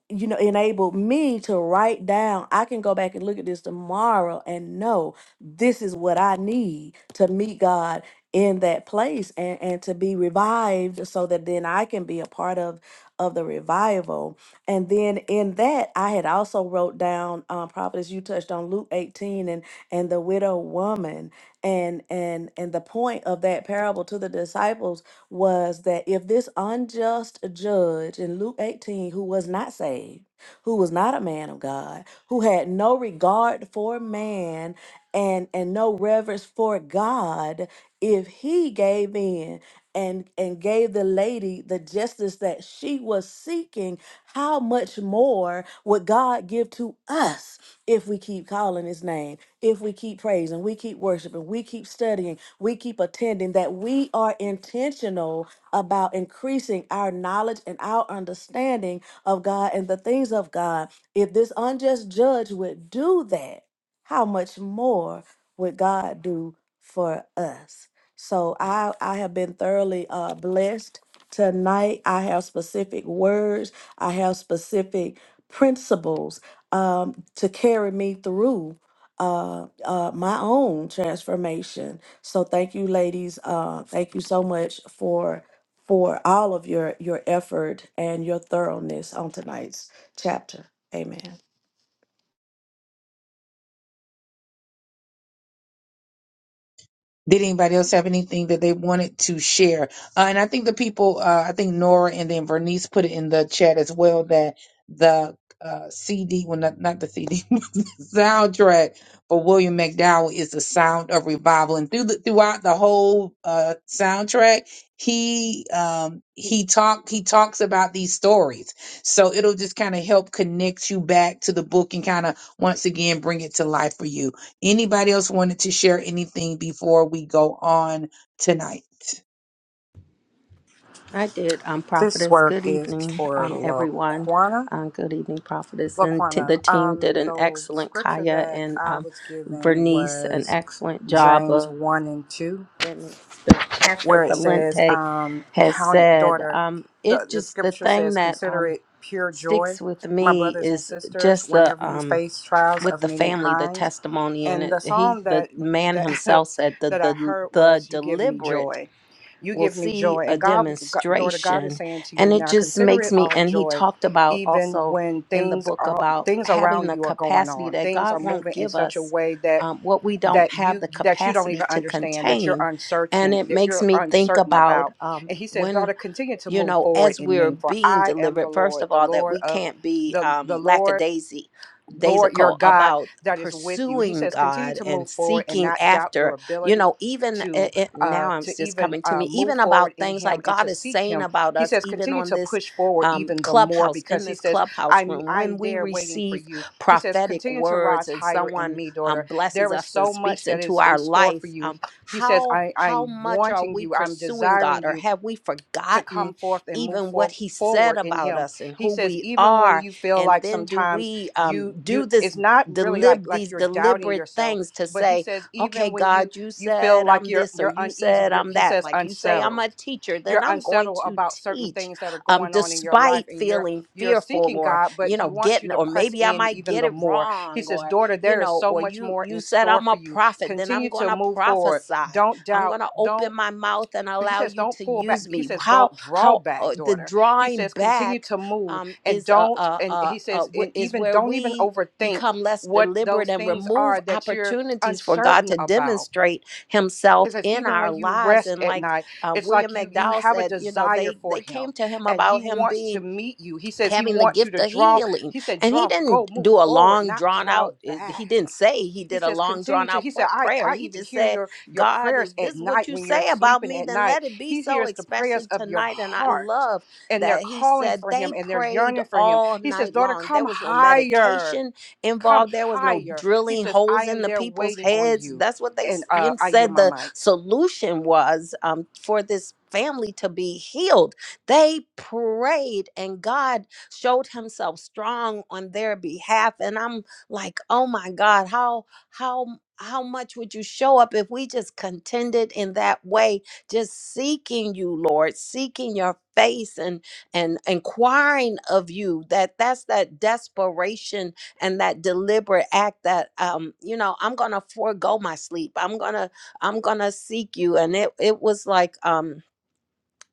[SPEAKER 2] you know, enabled me to write down. I can go back and look at this tomorrow and know this is what I need to meet God in that place and, and to be revived so that then I can be a part of of the revival. And then in that I had also wrote down um prophetess you touched on Luke 18 and and the widow woman and and and the point of that parable to the disciples was that if this unjust judge in Luke 18, who was not saved, who was not a man of God, who had no regard for man and, and no reverence for God, if he gave in and, and gave the lady the justice that she was seeking, how much more would God give to us? if we keep calling his name, if we keep praising, we keep worshiping, we keep studying, we keep attending, that we are intentional about increasing our knowledge and our understanding of God and the things of God. If this unjust judge would do that, how much more would God do for us? So I I have been thoroughly uh blessed tonight. I have specific words. I have specific principles um to carry me through uh uh my own transformation. So thank you ladies. Uh thank you so much for for all of your your effort and your thoroughness on tonight's chapter. Amen.
[SPEAKER 1] Did anybody else have anything that they wanted to share? Uh, and I think the people, uh, I think Nora and then Vernice put it in the chat as well that the uh, CD, well, not, not the CD, the soundtrack for William McDowell is the sound of revival. And through the, throughout the whole uh, soundtrack, he um, he talk he talks about these stories. So it'll just kind of help connect you back to the book and kind of once again bring it to life for you. Anybody else wanted to share anything before we go on tonight?
[SPEAKER 6] I did, um,
[SPEAKER 7] This
[SPEAKER 6] Prophetess.
[SPEAKER 7] word
[SPEAKER 6] Good
[SPEAKER 7] is
[SPEAKER 6] evening,
[SPEAKER 7] for
[SPEAKER 6] um, everyone.
[SPEAKER 7] Laquana.
[SPEAKER 6] Um, good evening, Prophetess. And t-
[SPEAKER 7] Laquana.
[SPEAKER 6] the team did
[SPEAKER 7] Um,
[SPEAKER 6] an
[SPEAKER 7] the
[SPEAKER 6] excellent,
[SPEAKER 7] scripture
[SPEAKER 6] Kaya
[SPEAKER 7] that
[SPEAKER 6] and
[SPEAKER 7] I
[SPEAKER 6] um,
[SPEAKER 7] was given
[SPEAKER 6] Vernice, an
[SPEAKER 7] was
[SPEAKER 6] excellent job
[SPEAKER 7] James
[SPEAKER 6] of,
[SPEAKER 7] one and two,
[SPEAKER 6] and Pastor
[SPEAKER 7] where it says,
[SPEAKER 6] Valente
[SPEAKER 7] um,
[SPEAKER 6] has
[SPEAKER 7] "Count it,
[SPEAKER 6] said.
[SPEAKER 7] daughter."
[SPEAKER 6] Um,
[SPEAKER 7] The
[SPEAKER 6] it
[SPEAKER 7] the
[SPEAKER 6] just, the
[SPEAKER 7] scripture
[SPEAKER 6] thing
[SPEAKER 7] says,
[SPEAKER 6] that
[SPEAKER 7] "Consider
[SPEAKER 6] um,
[SPEAKER 7] it pure joy,
[SPEAKER 6] sticks with
[SPEAKER 7] my
[SPEAKER 6] me
[SPEAKER 7] brothers and
[SPEAKER 6] is
[SPEAKER 7] sisters,
[SPEAKER 6] just the,
[SPEAKER 7] whenever you
[SPEAKER 6] um,
[SPEAKER 7] face trials
[SPEAKER 6] with
[SPEAKER 7] of
[SPEAKER 6] the
[SPEAKER 7] many
[SPEAKER 6] family, the
[SPEAKER 7] kinds."
[SPEAKER 6] testimony. And
[SPEAKER 7] and
[SPEAKER 6] it,
[SPEAKER 7] the
[SPEAKER 6] he,
[SPEAKER 7] song
[SPEAKER 6] the
[SPEAKER 7] that
[SPEAKER 6] man
[SPEAKER 7] that
[SPEAKER 6] himself said, the,
[SPEAKER 7] that I
[SPEAKER 6] the,
[SPEAKER 7] heard
[SPEAKER 6] the
[SPEAKER 7] was "You Give Me
[SPEAKER 6] deliberate
[SPEAKER 7] Joy." You
[SPEAKER 6] will
[SPEAKER 7] give me
[SPEAKER 6] see
[SPEAKER 7] joy,
[SPEAKER 6] a
[SPEAKER 7] and God, God, daughter, God is
[SPEAKER 6] demonstration.
[SPEAKER 7] saying to
[SPEAKER 6] And
[SPEAKER 7] you
[SPEAKER 6] it
[SPEAKER 7] now,
[SPEAKER 6] just
[SPEAKER 7] consider
[SPEAKER 6] makes
[SPEAKER 7] it
[SPEAKER 6] me,
[SPEAKER 7] all
[SPEAKER 6] and he
[SPEAKER 7] joy,
[SPEAKER 6] talked about
[SPEAKER 7] even
[SPEAKER 6] also
[SPEAKER 7] when
[SPEAKER 6] in the
[SPEAKER 7] things
[SPEAKER 6] book
[SPEAKER 7] are
[SPEAKER 6] about
[SPEAKER 7] things
[SPEAKER 6] having
[SPEAKER 7] around
[SPEAKER 6] the
[SPEAKER 7] you are going
[SPEAKER 6] capacity
[SPEAKER 7] on,
[SPEAKER 6] that
[SPEAKER 7] things are
[SPEAKER 6] God won't
[SPEAKER 7] moving in
[SPEAKER 6] give
[SPEAKER 7] such a
[SPEAKER 6] us
[SPEAKER 7] way that
[SPEAKER 6] um, what we don't
[SPEAKER 7] that
[SPEAKER 6] have
[SPEAKER 7] you
[SPEAKER 6] the
[SPEAKER 7] that you don't
[SPEAKER 6] capacity
[SPEAKER 7] even
[SPEAKER 6] to
[SPEAKER 7] understand, that you're
[SPEAKER 6] contain. And
[SPEAKER 7] uncertain,
[SPEAKER 6] it
[SPEAKER 7] that
[SPEAKER 6] makes
[SPEAKER 7] you're
[SPEAKER 6] me think
[SPEAKER 7] uncertain
[SPEAKER 6] about
[SPEAKER 7] about.
[SPEAKER 6] um,
[SPEAKER 7] And He says,
[SPEAKER 6] when
[SPEAKER 7] daughter, continue to
[SPEAKER 6] you
[SPEAKER 7] move
[SPEAKER 6] know,
[SPEAKER 7] forward
[SPEAKER 6] as
[SPEAKER 7] in
[SPEAKER 6] we're
[SPEAKER 7] me, for
[SPEAKER 6] being
[SPEAKER 7] I am the
[SPEAKER 6] delivered, first
[SPEAKER 7] Lord,
[SPEAKER 6] of
[SPEAKER 7] the
[SPEAKER 6] all, that
[SPEAKER 7] Lord
[SPEAKER 6] we
[SPEAKER 7] of
[SPEAKER 6] can't be
[SPEAKER 7] the
[SPEAKER 6] um,
[SPEAKER 7] the Lord
[SPEAKER 6] lackadaisy,
[SPEAKER 7] Lord your
[SPEAKER 6] daisical
[SPEAKER 7] God
[SPEAKER 6] about
[SPEAKER 7] that is with you. He
[SPEAKER 6] pursuing
[SPEAKER 7] says, continue
[SPEAKER 6] God
[SPEAKER 7] to
[SPEAKER 6] and
[SPEAKER 7] move forward and
[SPEAKER 6] seeking
[SPEAKER 7] not doubt your
[SPEAKER 6] after, you
[SPEAKER 7] ability
[SPEAKER 6] know, even
[SPEAKER 7] to
[SPEAKER 6] it, it,
[SPEAKER 7] uh
[SPEAKER 6] now I'm
[SPEAKER 7] to
[SPEAKER 6] just
[SPEAKER 7] even
[SPEAKER 6] coming to
[SPEAKER 7] uh
[SPEAKER 6] me,
[SPEAKER 7] move
[SPEAKER 6] even
[SPEAKER 7] forward
[SPEAKER 6] about
[SPEAKER 7] in
[SPEAKER 6] things like
[SPEAKER 7] him and
[SPEAKER 6] God
[SPEAKER 7] to
[SPEAKER 6] is
[SPEAKER 7] seek
[SPEAKER 6] saying
[SPEAKER 7] him
[SPEAKER 6] about
[SPEAKER 7] he
[SPEAKER 6] us,
[SPEAKER 7] says
[SPEAKER 6] even
[SPEAKER 7] continue
[SPEAKER 6] on
[SPEAKER 7] to
[SPEAKER 6] this
[SPEAKER 7] push forward
[SPEAKER 6] um,
[SPEAKER 7] even the more
[SPEAKER 6] clubhouse, in
[SPEAKER 7] because he
[SPEAKER 6] this
[SPEAKER 7] says
[SPEAKER 6] clubhouse
[SPEAKER 7] i'm
[SPEAKER 6] room,
[SPEAKER 7] i'm
[SPEAKER 6] when we
[SPEAKER 7] there waiting for
[SPEAKER 6] receive
[SPEAKER 7] you he says
[SPEAKER 6] prophetic
[SPEAKER 7] continue to
[SPEAKER 6] words
[SPEAKER 7] rise
[SPEAKER 6] and
[SPEAKER 7] higher in
[SPEAKER 6] someone
[SPEAKER 7] me
[SPEAKER 6] um,
[SPEAKER 7] daughter
[SPEAKER 6] blesses
[SPEAKER 7] there is
[SPEAKER 6] us and
[SPEAKER 7] so much
[SPEAKER 6] speaks
[SPEAKER 7] that
[SPEAKER 6] into
[SPEAKER 7] is in
[SPEAKER 6] our
[SPEAKER 7] store for
[SPEAKER 6] life,
[SPEAKER 7] you
[SPEAKER 6] um,
[SPEAKER 7] he says
[SPEAKER 6] how,
[SPEAKER 7] i
[SPEAKER 6] how
[SPEAKER 7] i'm
[SPEAKER 6] much are
[SPEAKER 7] wanting
[SPEAKER 6] we
[SPEAKER 7] you i'm
[SPEAKER 6] pursuing God
[SPEAKER 7] desiring you
[SPEAKER 6] or have we
[SPEAKER 7] to
[SPEAKER 6] forgotten?
[SPEAKER 7] come forth and move
[SPEAKER 6] even what
[SPEAKER 7] for,
[SPEAKER 6] he said
[SPEAKER 7] forward in
[SPEAKER 6] about
[SPEAKER 7] him
[SPEAKER 6] us and
[SPEAKER 7] he
[SPEAKER 6] who
[SPEAKER 7] says
[SPEAKER 6] we
[SPEAKER 7] even when
[SPEAKER 6] are
[SPEAKER 7] you feel
[SPEAKER 6] and
[SPEAKER 7] like
[SPEAKER 6] then do
[SPEAKER 7] sometimes
[SPEAKER 6] we um,
[SPEAKER 7] you you
[SPEAKER 6] do this
[SPEAKER 7] it's not really like
[SPEAKER 6] delib
[SPEAKER 7] like
[SPEAKER 6] these
[SPEAKER 7] you're doubting
[SPEAKER 6] deliberate
[SPEAKER 7] yourself
[SPEAKER 6] things to
[SPEAKER 7] but he
[SPEAKER 6] say
[SPEAKER 7] says
[SPEAKER 6] okay
[SPEAKER 7] even when you
[SPEAKER 6] god you
[SPEAKER 7] you feel
[SPEAKER 6] said
[SPEAKER 7] like
[SPEAKER 6] i'm
[SPEAKER 7] you're
[SPEAKER 6] this or
[SPEAKER 7] you're
[SPEAKER 6] you
[SPEAKER 7] uneasy
[SPEAKER 6] said
[SPEAKER 7] you're,
[SPEAKER 6] i'm
[SPEAKER 7] he
[SPEAKER 6] that
[SPEAKER 7] says
[SPEAKER 6] like you say i'm
[SPEAKER 7] unsettled
[SPEAKER 6] a teacher then
[SPEAKER 7] you're
[SPEAKER 6] i'm going
[SPEAKER 7] unsettled
[SPEAKER 6] to
[SPEAKER 7] about certain
[SPEAKER 6] teach
[SPEAKER 7] things that are
[SPEAKER 6] um
[SPEAKER 7] going on in your life
[SPEAKER 6] despite
[SPEAKER 7] and you're
[SPEAKER 6] feeling
[SPEAKER 7] you're
[SPEAKER 6] fearful
[SPEAKER 7] seeking
[SPEAKER 6] or
[SPEAKER 7] God, but
[SPEAKER 6] you know
[SPEAKER 7] He wants you
[SPEAKER 6] getting
[SPEAKER 7] to
[SPEAKER 6] or
[SPEAKER 7] press
[SPEAKER 6] maybe i
[SPEAKER 7] in
[SPEAKER 6] might
[SPEAKER 7] even
[SPEAKER 6] get
[SPEAKER 7] the
[SPEAKER 6] it
[SPEAKER 7] more. He
[SPEAKER 6] wrong
[SPEAKER 7] says,
[SPEAKER 6] or
[SPEAKER 7] Daughter,
[SPEAKER 6] you
[SPEAKER 7] there is
[SPEAKER 6] know
[SPEAKER 7] so
[SPEAKER 6] or
[SPEAKER 7] much
[SPEAKER 6] you
[SPEAKER 7] more
[SPEAKER 6] you
[SPEAKER 7] in
[SPEAKER 6] said
[SPEAKER 7] store
[SPEAKER 6] i'm
[SPEAKER 7] for
[SPEAKER 6] a
[SPEAKER 7] you.
[SPEAKER 6] prophet then i'm
[SPEAKER 7] Continue
[SPEAKER 6] going
[SPEAKER 7] to
[SPEAKER 6] to
[SPEAKER 7] move forward.
[SPEAKER 6] prophesy
[SPEAKER 7] Don't
[SPEAKER 6] I'm
[SPEAKER 7] doubt.
[SPEAKER 6] going to
[SPEAKER 7] Don't
[SPEAKER 6] open my mouth and
[SPEAKER 7] he
[SPEAKER 6] allow
[SPEAKER 7] says,
[SPEAKER 6] you
[SPEAKER 7] don't
[SPEAKER 6] to
[SPEAKER 7] pull back.
[SPEAKER 6] use
[SPEAKER 7] He
[SPEAKER 6] me.
[SPEAKER 7] says,
[SPEAKER 6] How
[SPEAKER 7] don't draw
[SPEAKER 6] how
[SPEAKER 7] back,
[SPEAKER 6] uh, the
[SPEAKER 7] daughter. He
[SPEAKER 6] drawing
[SPEAKER 7] says, continue
[SPEAKER 6] back
[SPEAKER 7] to move
[SPEAKER 6] um,
[SPEAKER 7] and
[SPEAKER 6] is a,
[SPEAKER 7] don't.
[SPEAKER 6] a,
[SPEAKER 7] And
[SPEAKER 6] a,
[SPEAKER 7] he
[SPEAKER 6] a
[SPEAKER 7] says,
[SPEAKER 6] wh-
[SPEAKER 7] and
[SPEAKER 6] is
[SPEAKER 7] even
[SPEAKER 6] where
[SPEAKER 7] don't even
[SPEAKER 6] we
[SPEAKER 7] overthink
[SPEAKER 6] become less
[SPEAKER 7] what those
[SPEAKER 6] deliberate and
[SPEAKER 7] things
[SPEAKER 6] remove
[SPEAKER 7] are that you're
[SPEAKER 6] opportunities for God
[SPEAKER 7] uncertain
[SPEAKER 6] to
[SPEAKER 7] about.
[SPEAKER 6] demonstrate
[SPEAKER 7] He
[SPEAKER 6] Himself
[SPEAKER 7] says,
[SPEAKER 6] in
[SPEAKER 7] even
[SPEAKER 6] our
[SPEAKER 7] when you
[SPEAKER 6] lives.
[SPEAKER 7] rest
[SPEAKER 6] And
[SPEAKER 7] at
[SPEAKER 6] like
[SPEAKER 7] night,
[SPEAKER 6] uh,
[SPEAKER 7] it's
[SPEAKER 6] William
[SPEAKER 7] like you you
[SPEAKER 6] McDowell
[SPEAKER 7] have a
[SPEAKER 6] said, you know,
[SPEAKER 7] desire
[SPEAKER 6] they
[SPEAKER 7] for
[SPEAKER 6] they came
[SPEAKER 7] him
[SPEAKER 6] to him
[SPEAKER 7] and he
[SPEAKER 6] about him
[SPEAKER 7] wants
[SPEAKER 6] being
[SPEAKER 7] to meet you. He says he
[SPEAKER 6] having the
[SPEAKER 7] wants you
[SPEAKER 6] gift
[SPEAKER 7] to
[SPEAKER 6] of
[SPEAKER 7] draw.
[SPEAKER 6] healing
[SPEAKER 7] He said,
[SPEAKER 6] and he
[SPEAKER 7] draw, go,
[SPEAKER 6] didn't
[SPEAKER 7] move
[SPEAKER 6] do a
[SPEAKER 7] forward,
[SPEAKER 6] long
[SPEAKER 7] not
[SPEAKER 6] drawn
[SPEAKER 7] draw
[SPEAKER 6] out eh,
[SPEAKER 7] back
[SPEAKER 6] he didn't say he
[SPEAKER 7] he
[SPEAKER 6] did a
[SPEAKER 7] says,
[SPEAKER 6] long
[SPEAKER 7] continue
[SPEAKER 6] drawn
[SPEAKER 7] to.
[SPEAKER 6] out
[SPEAKER 7] He
[SPEAKER 6] pla-
[SPEAKER 7] said, I,
[SPEAKER 6] prayer
[SPEAKER 7] I
[SPEAKER 6] he
[SPEAKER 7] even
[SPEAKER 6] just
[SPEAKER 7] hear
[SPEAKER 6] said
[SPEAKER 7] your, your
[SPEAKER 6] god if
[SPEAKER 7] prayers
[SPEAKER 6] this
[SPEAKER 7] at
[SPEAKER 6] is what
[SPEAKER 7] night
[SPEAKER 6] you
[SPEAKER 7] when you're
[SPEAKER 6] say about
[SPEAKER 7] sleeping
[SPEAKER 6] me
[SPEAKER 7] at
[SPEAKER 6] then
[SPEAKER 7] night.
[SPEAKER 6] let it be
[SPEAKER 7] He
[SPEAKER 6] so
[SPEAKER 7] hears the prayers
[SPEAKER 6] especially
[SPEAKER 7] of your
[SPEAKER 6] tonight and i
[SPEAKER 7] heart,
[SPEAKER 6] love
[SPEAKER 7] and they're
[SPEAKER 6] that he
[SPEAKER 7] calling
[SPEAKER 6] said
[SPEAKER 7] for
[SPEAKER 6] they
[SPEAKER 7] him and they're
[SPEAKER 6] prayed
[SPEAKER 7] yearning for him.
[SPEAKER 6] all
[SPEAKER 7] He says,
[SPEAKER 6] night
[SPEAKER 7] Daughter,
[SPEAKER 6] long there
[SPEAKER 7] come
[SPEAKER 6] was no
[SPEAKER 7] higher.
[SPEAKER 6] medication
[SPEAKER 7] Come
[SPEAKER 6] involved there was no
[SPEAKER 7] higher. He
[SPEAKER 6] drilling
[SPEAKER 7] says, I
[SPEAKER 6] holes in
[SPEAKER 7] am
[SPEAKER 6] the
[SPEAKER 7] there
[SPEAKER 6] people's
[SPEAKER 7] waiting on
[SPEAKER 6] heads
[SPEAKER 7] you.
[SPEAKER 6] that's what they
[SPEAKER 7] And
[SPEAKER 6] s-
[SPEAKER 7] uh,
[SPEAKER 6] you
[SPEAKER 7] I yield
[SPEAKER 6] said
[SPEAKER 7] my
[SPEAKER 6] the
[SPEAKER 7] mic.
[SPEAKER 6] solution was um, for this family to be healed they prayed and god showed himself strong on their behalf and i'm like oh my god how how how much would you show up if we just contended in that way just seeking you lord seeking your face and and inquiring of you that that's that desperation and that deliberate act that um you know i'm gonna forego my sleep i'm gonna i'm gonna seek you and it it was like um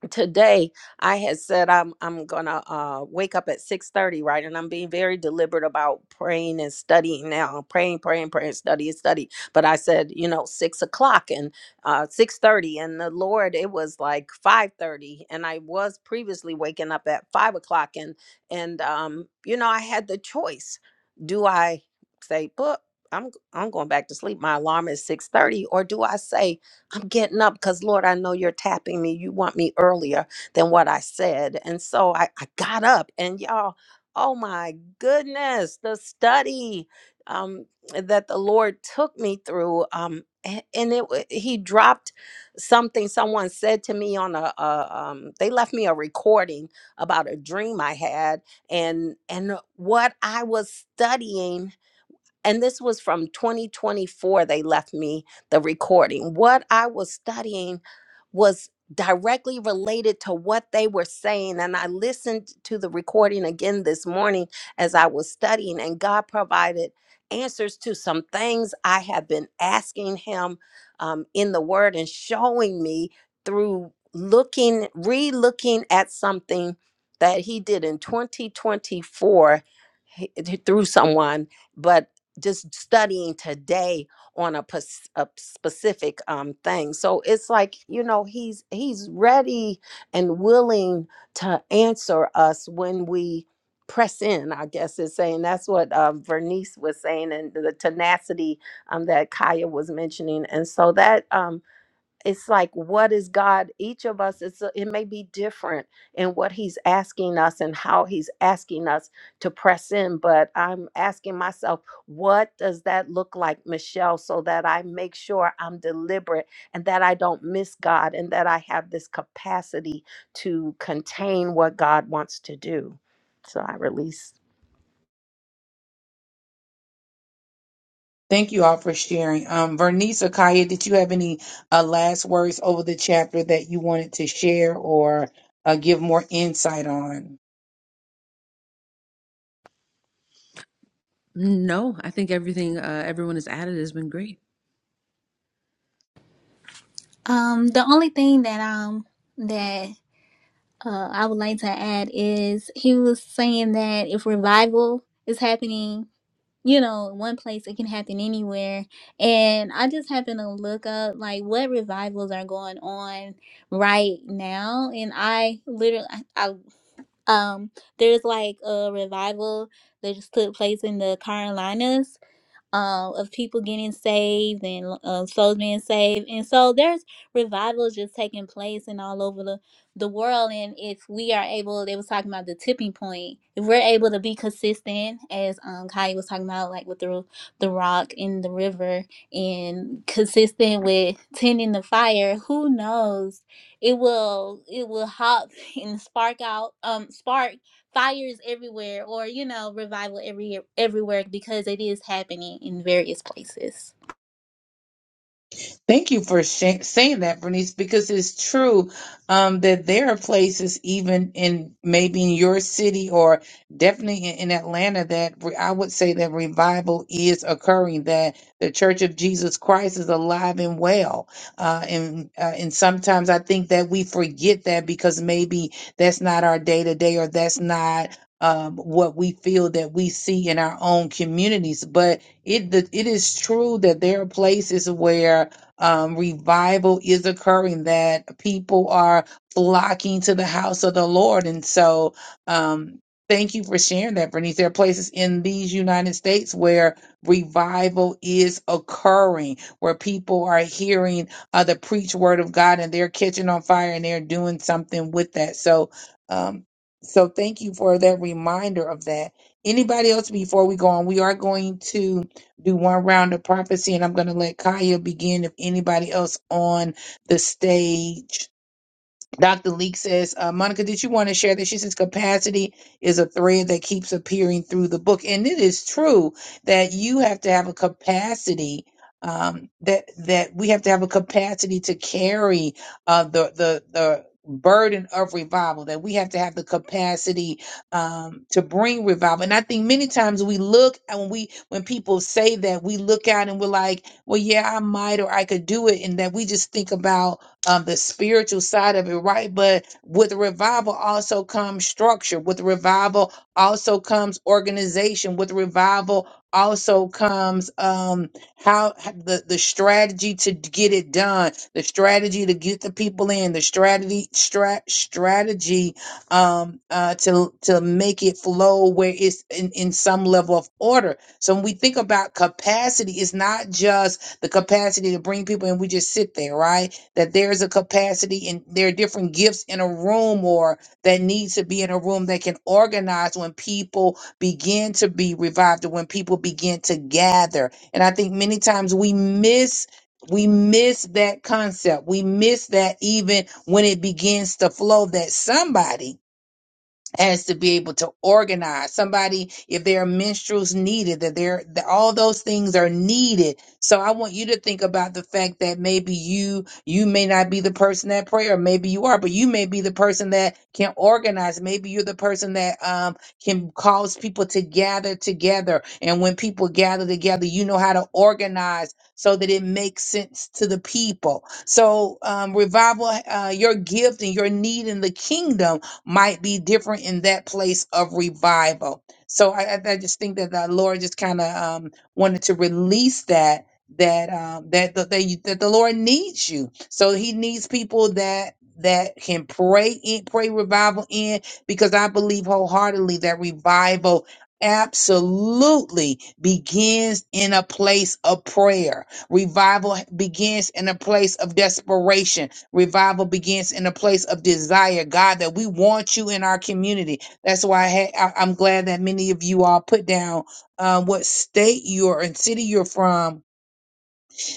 [SPEAKER 6] today I had said I'm I'm gonna uh, wake up at six thirty, right? And I'm being very deliberate about praying and studying now, praying, praying, praying, study and study. But I said, you know, six o'clock and uh, six thirty, and the Lord, it was like five thirty, and I was previously waking up at five o'clock, and and um, you know, I had the choice: do I say, "Book, I'm I'm going back to sleep. My alarm is six thirty, or do I say? I'm getting up because, Lord, I know you're tapping me. You want me earlier than what I said. And so I, I got up, and y'all, oh my goodness, the study um, that the Lord took me through. Um, a- and it wa- he dropped something someone said to me on a, a um, they left me a recording about a dream I had and and what I was studying and this was from 2024 they left me the recording what i was studying was directly related to what they were saying and i listened to the recording again this morning as i was studying and god provided answers to some things i have been asking him um, in the word and showing me through looking re-looking at something that he did in 2024 he- through someone but just studying today on a, pos- a specific um thing so it's like you know he's he's ready and willing to answer us when we press in i guess is saying that's what uh, vernice was saying and the tenacity um, that kaya was mentioning and so that um it's like what is god each of us it's a- it may be different in what he's asking us and how he's asking us to press in but i'm asking myself what does that look like michelle so that i make sure i'm deliberate and that i don't miss god and that i have this capacity to contain what god wants to do so i release
[SPEAKER 1] Thank you all for sharing. Um, Vernice or Kaya, did you have any uh, last words over the chapter that you wanted to share or uh, give more insight on?
[SPEAKER 4] No, I think everything uh, everyone has added has been great.
[SPEAKER 3] Um, the only thing that um that uh, I would like to add is he was saying that if revival is happening you know, in one place, it can happen anywhere. And I just happen to look up like what revivals are going on right now. And I literally, I, I um, there's like a revival that just took place in the Carolinas um, of people getting saved and um, souls being saved. And so there's revivals just taking place and all over the, the world. And if we are able, they was talking about the tipping point. If we're able to be consistent, as um, Kai was talking about, like with the the rock in the river, and consistent with tending the fire, who knows? It will it will hop and spark out um spark fires everywhere or you know revival every everywhere because it is happening in various places
[SPEAKER 1] Thank you for sh- saying that, Bernice, because it's true um, that there are places, even in maybe in your city or definitely in, in Atlanta, that re- I would say that revival is occurring, that the Church of Jesus Christ is alive and well. Uh, and, uh, and sometimes I think that we forget that because maybe that's not our day to day or that's not. Um, what we feel that we see in our own communities, but it the, it is true that there are places where um, revival is occurring, that people are flocking to the house of the Lord. And so, um, thank you for sharing that, Bernice. There are places in these United States where revival is occurring, where people are hearing uh, the preach word of God and they're catching on fire and they're doing something with that. So, um, so thank you for that reminder of that. Anybody else before we go on? We are going to do one round of prophecy, and I'm going to let Kaya begin if anybody else on the stage Dr. Leek says, uh, Monica, did you want to share this? She says, capacity is a thread that keeps appearing through the book. And it is true that you have to have a capacity. Um, that that we have to have a capacity to carry uh, the the the burden of revival. That we have to have the capacity um, to bring revival. And I think many times we look and when we when people say that we look out and we're like, well, yeah, I might or I could do it, and that we just think about um, the spiritual side of it, right? But with revival also comes structure. With revival also comes organization. With revival also comes um, how the the strategy to get it done, the strategy to get the people in, the strategy stra- strategy um, uh, to to make it flow where it's in, in some level of order. So when we think about capacity, it's not just the capacity to bring people and we just sit there, right? that there's a capacity and there are different gifts in a room or that needs to be in a room that can organize when people begin to be revived or when people begin to gather. And I think many times we miss we miss that concept. We miss that even when it begins to flow that somebody as to be able to organize somebody if there are minstrels needed that there that all those things are needed so i want you to think about the fact that maybe you you may not be the person that pray or maybe you are but you may be the person that can organize maybe you're the person that um, can cause people to gather together and when people gather together you know how to organize so that it makes sense to the people so um, revival uh, your gift and your need in the kingdom might be different in that place of revival. So I, I I just think that the Lord just kind of um, wanted to release that that um, that that that, you, that the Lord needs you. So He needs people that that can pray in pray revival in because I believe wholeheartedly that revival absolutely begins in a place of prayer revival begins in a place of desperation Revival begins in a place of desire, God, that we want you in our community. That's why I had, I, I'm glad that many of you all put down uh, what state you're and city you're from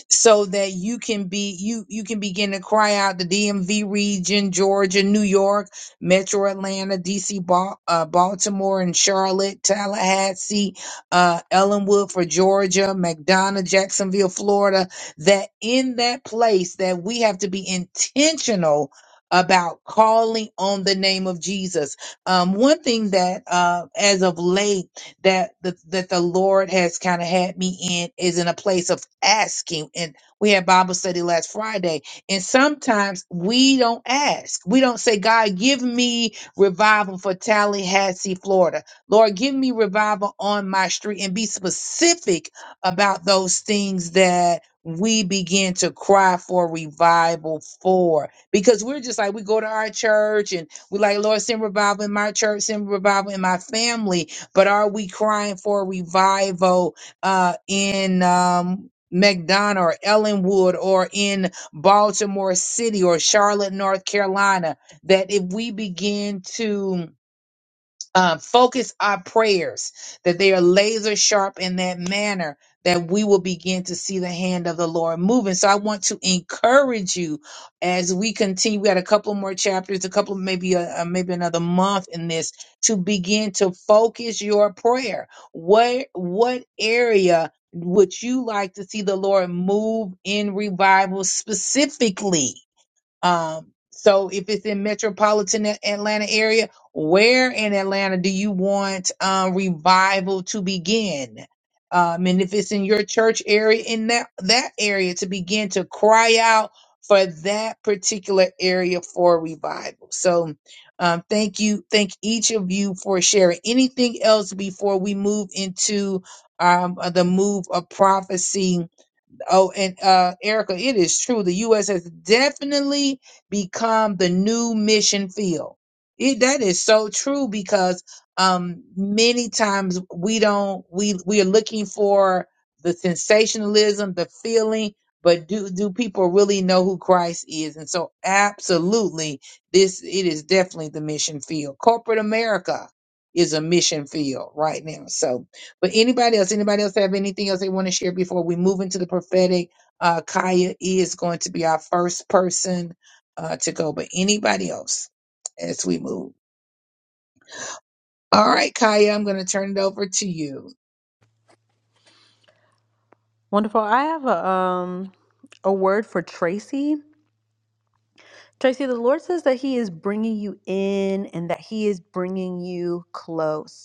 [SPEAKER 1] so that you can be you you can begin to cry out the DMV region, Georgia, New York, Metro Atlanta, DC, Bal- uh, Baltimore, and Charlotte, Tallahassee, uh, Ellenwood for Georgia, McDonough, Jacksonville, Florida. That in that place that we have to be intentional about calling on the name of Jesus. Um, one thing that uh, as of late that the, that the Lord has kind of had me in is in a place of asking. And we had Bible study last Friday, and sometimes we don't ask. We don't say, God, give me revival for Tallahassee, Florida. Lord, give me revival on my street and be specific about those things that we begin to cry for revival for because we're just like we go to our church and we like lord send revival in my church send revival in my family but are we crying for a revival uh, in um, McDonough or Ellenwood or in Baltimore City or Charlotte, North Carolina? That if we begin to um, focus our prayers that they are laser sharp in that manner that we will begin to see the hand of the Lord moving. So I want to encourage you as we continue. We got a couple more chapters, a couple maybe a, a- maybe another month in this to begin to focus your prayer. What what area would you like to see the Lord move in revival specifically? Um, so if it's in metropolitan A- Atlanta area, where in Atlanta do you want um, revival to begin? Um, and if it's in your church area, in that that area, to begin to cry out for that particular area for revival. So, um, thank you, thank each of you for sharing. Anything else before we move into um, the move of prophecy? Oh, and uh, Erica, it is true. The U.S. has definitely become the new mission field. It, that is so true because um, many times we don't we we are looking for the sensationalism, the feeling, but do do people really know who Christ is? And so, absolutely, this it is definitely the mission field. Corporate America is a mission field right now. So, but anybody else, anybody else have anything else they want to share before we move into the prophetic? Uh, Kaya is going to be our first person uh, to go, but anybody else as we move. All right, Kaya, I'm going to turn it over to you.
[SPEAKER 4] Wonderful. I have a um a word for Tracy. Tracy, the Lord says that He is bringing you in and that He is bringing you close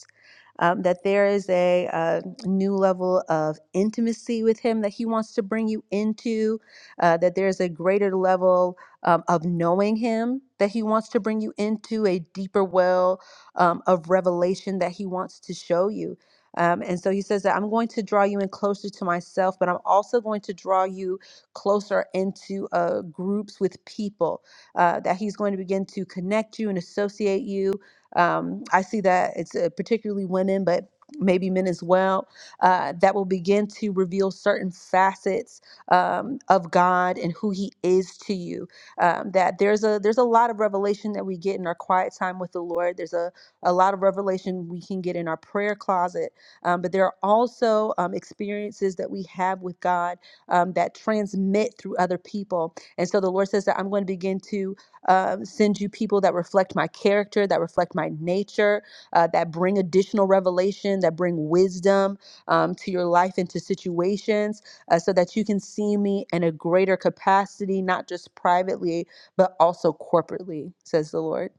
[SPEAKER 4] um, that there is a, uh new level of intimacy with Him that He wants to bring you into, uh, that there's a greater level um, of knowing Him that He wants to bring you into, a deeper well um, of revelation that He wants to show you. Um, and so he says that I'm going to draw you in closer to myself, but I'm also going to draw you closer into uh, groups with people. Uh, that he's going to begin to connect you and associate you um, I see that it's uh, particularly women, but maybe men as well, uh, that will begin to reveal certain facets um, of God and who He is to you. Um, that there's a there's a lot of revelation that we get in our quiet time with the Lord. There's a a lot of revelation we can get in our prayer closet, um, but there are also um, experiences that we have with God um, that transmit through other people. And so the Lord says that I'm going to begin to um, send you people that reflect my character, that reflect my nature, uh, that bring additional revelation, that bring wisdom um, to your life and to situations, uh, so that you can see me in a greater capacity, not just privately, but also corporately, says the Lord.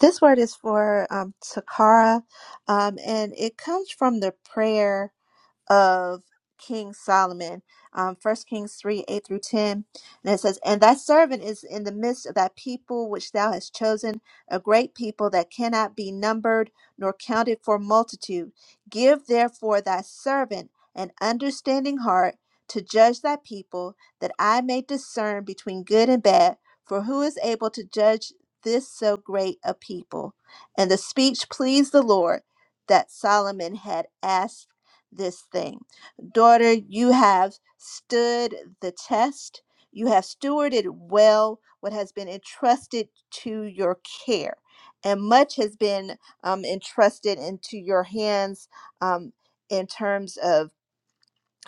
[SPEAKER 8] This word is for um, Takara, um, and it comes from the prayer of King Solomon, um, 1 Kings 3 8 through 10. And it says, And thy servant is in the midst of thy people, which thou hast chosen, a great people that cannot be numbered nor counted for multitude. Give therefore thy servant an understanding heart to judge thy people, that I may discern between good and bad. For who is able to judge this so great a people? And the speech pleased the Lord that Solomon had asked this thing. Daughter, you have stood the test. You have stewarded well what has been entrusted to your care, and much has been um, entrusted into your hands um, in terms of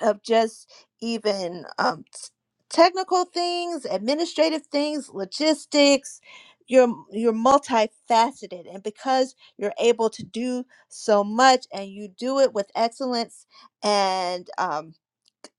[SPEAKER 8] of just even um, t- technical things, administrative things, logistics. You're you're multifaceted, and because you're able to do so much, and you do it with excellence, and um,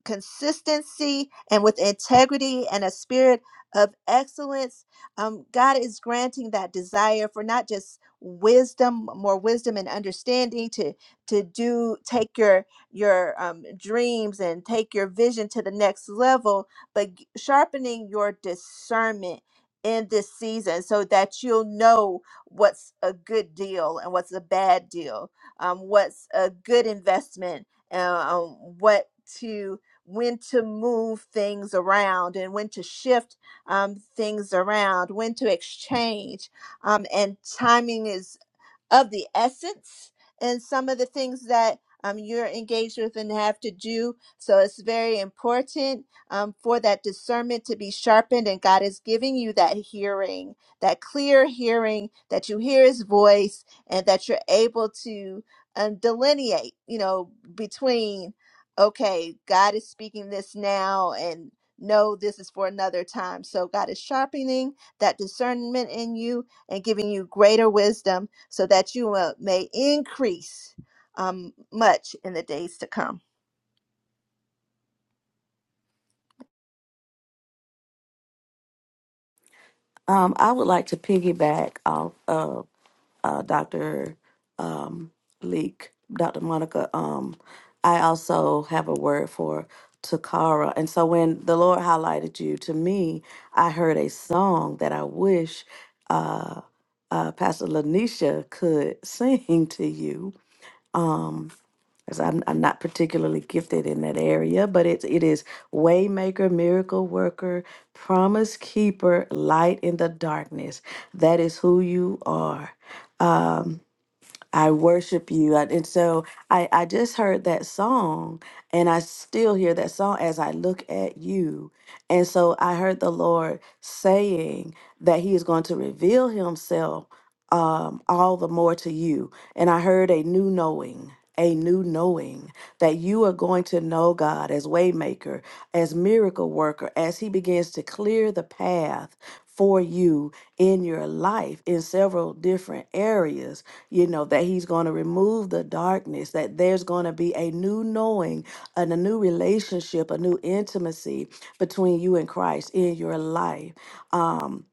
[SPEAKER 8] consistency and with integrity and a spirit of excellence. Um, God is granting that desire for not just wisdom, more wisdom and understanding to to do take your your um, dreams and take your vision to the next level, but g- sharpening your discernment in this season so that you'll know what's a good deal and what's a bad deal, um, what's a good investment, uh, um, what to when to move things around and when to shift um, things around, when to exchange. Um, and timing is of the essence and some of the things that um, you're engaged with and have to do. So it's very important um, for that discernment to be sharpened, and God is giving you that hearing, that clear hearing, that you hear His voice, and that you're able to um, delineate, you know, between okay, God is speaking this now, and no, this is for another time. So God is sharpening that discernment in you and giving you greater wisdom so that you uh, may increase um, much in the days to come.
[SPEAKER 2] Um I would like to piggyback off of uh, Dr. Um, Leek, Dr. Monica, um, I also have a word for Takara. And so when the Lord highlighted you to me, I heard a song that I wish uh, uh, Pastor Lanisha could sing to you. Um, as I'm, I'm not particularly gifted in that area, but it, it is Waymaker, Miracle Worker, Promise Keeper, Light in the Darkness. That is who you are. I worship you. I- And so I, I just heard that song, and I still hear that song as I look at you. And so I heard the Lord saying that He is going to reveal Himself um, all the more to you. And I heard a new knowing. A new knowing that you are going to know God as waymaker, as miracle worker, as He begins to clear the path for you in your life in several different areas you know, that He's going to remove the darkness, that there's going to be a new knowing and a new relationship, a new intimacy between you and Christ in your life. Um,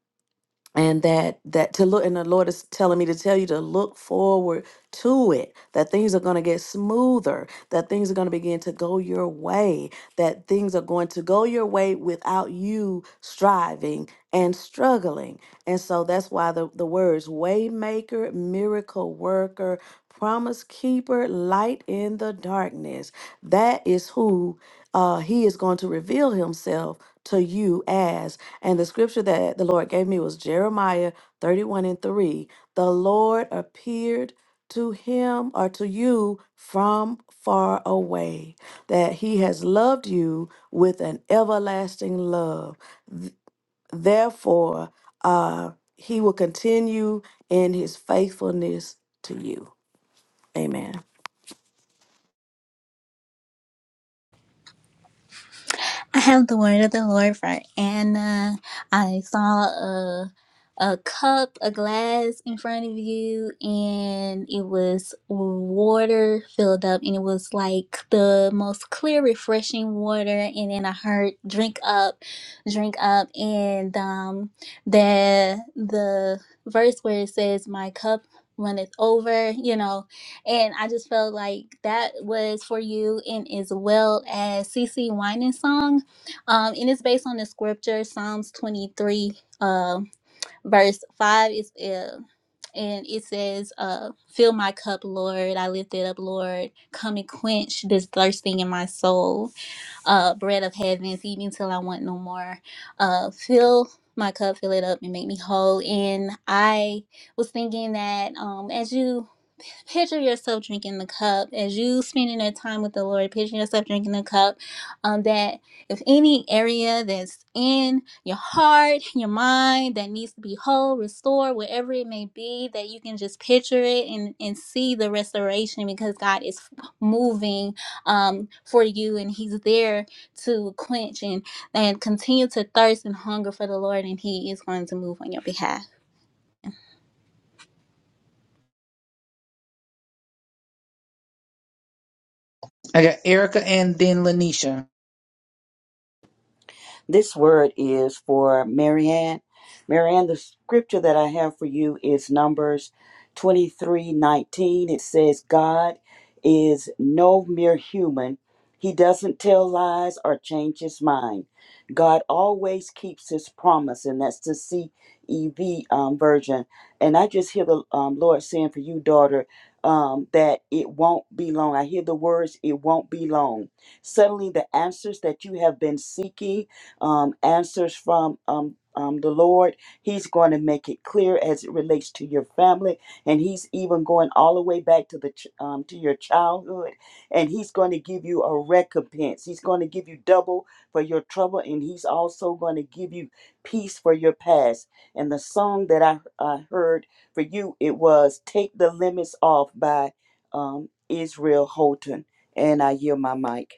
[SPEAKER 2] and that that to look and the lord is telling me to tell you to look forward to it that things are going to get smoother that things are going to begin to go your way that things are going to go your way without you striving and struggling and so that's why the, the words waymaker miracle worker promise keeper light in the darkness that is who uh, he is going to reveal himself to you as. And the scripture that the Lord gave me was Jeremiah 31 and 3. The Lord appeared to him or to you from far away, that he has loved you with an everlasting love. Th- Therefore, uh, he will continue in his faithfulness to you. Amen.
[SPEAKER 3] I have the word of the Lord for Anna. I saw a a cup, a glass in front of you, and it was water filled up, and it was like the most clear, refreshing water. And then I heard "drink up, drink up," and um, the the verse where it says, "My cup." runneth over, you know, and I just felt like that was for you, and as well as CC Winans song um, and it's based on the scripture Psalms 23, uh, verse 5. Is, uh, and it says, uh, Fill my cup, Lord. I lift it up, Lord. Come and quench this thirsting in my soul uh, bread of heaven, feed me till I want no more. Uh, fill my cup, fill it up, and make me whole. And I was thinking that um, as you picture yourself drinking the cup, as you spending that time with the Lord, picture yourself drinking the cup, um, that if any area that's in your heart, your mind that needs to be whole, restored, whatever it may be, that you can just picture it and, and see the restoration because God is moving um, for you, and He's there to quench and and continue to thirst and hunger for the Lord, and He is going to move on your behalf.
[SPEAKER 1] I got Erica and then Lanisha.
[SPEAKER 5] This word is for Marianne. Marianne, the scripture that I have for you is Numbers 23, 19. It says, God is no mere human. He doesn't tell lies or change his mind. God always keeps his promise, and that's the CEV um, version. And I just hear the um, Lord saying for you, daughter, um, that it won't be long. I hear the words, it won't be long. Suddenly, the answers that you have been seeking um, answers from um, um, the Lord. He's going to make it clear as it relates to your family, and He's even going all the way back to the ch- um, to your childhood. And He's going to give you a recompense. He's going to give you double for your trouble, and He's also going to give you peace for your past. And the song that I I heard for you it was "Take the Limits Off" by um, Israel Houghton. And I yield my mic.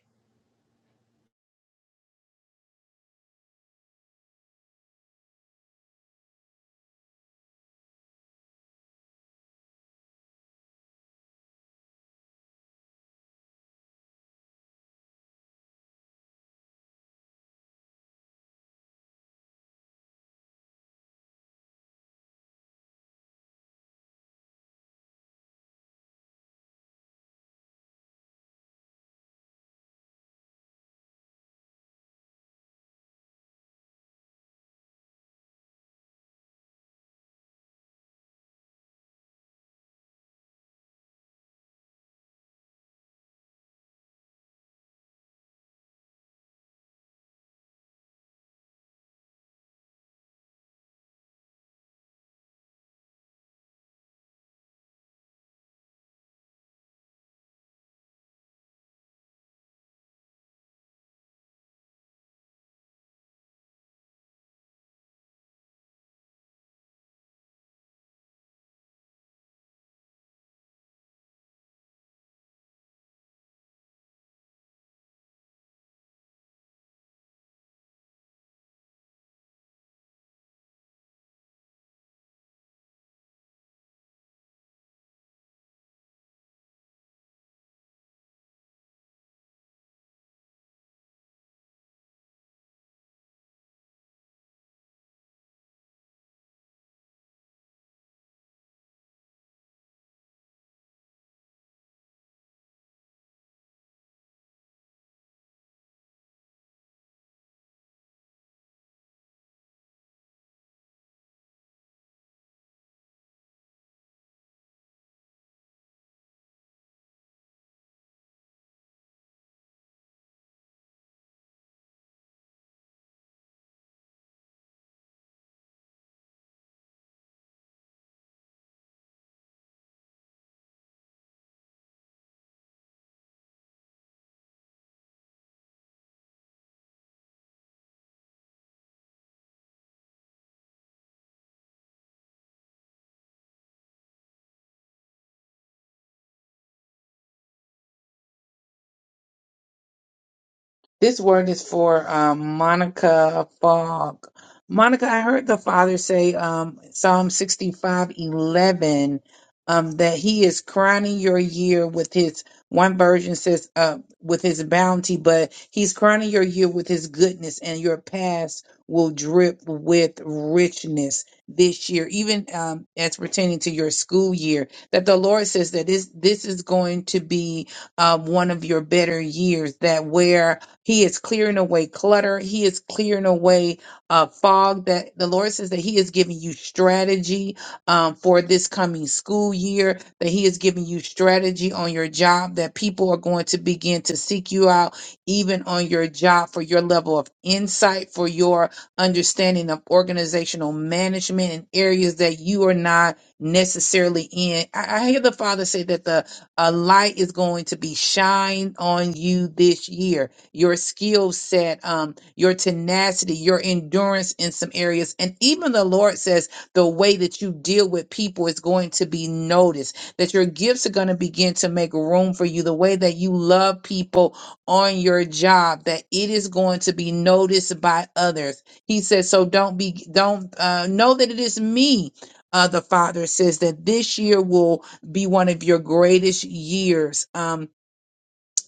[SPEAKER 1] This word is for um, Monica Fogg. Monica, I heard the Father say, um, Psalm sixty-five, eleven, um, that He is crowning your year with His, one version says, uh, with His bounty, but He's crowning your year with His goodness, and your past will drip with richness this year, even um, as pertaining to your school year. That the Lord says that this, this is going to be uh, one of your better years, that where he is clearing away clutter. He is clearing away uh, fog. That the Lord says that He is giving you strategy um, for this coming school year. That He is giving you strategy on your job. That people are going to begin to seek you out, even on your job, for your level of insight, for your understanding of organizational management and areas that you are not necessarily in. I, I hear the Father say that the a light is going to be shined on you this year your skill set, um, your tenacity, your endurance in some areas. And even the Lord says the way that you deal with people is going to be noticed, that your gifts are going to begin to make room for you, the way that you love people on your job, that it is going to be noticed by others. He says, so don't be, don't uh, know that it is me. Uh, the father says that this year will be one of your greatest years. Um,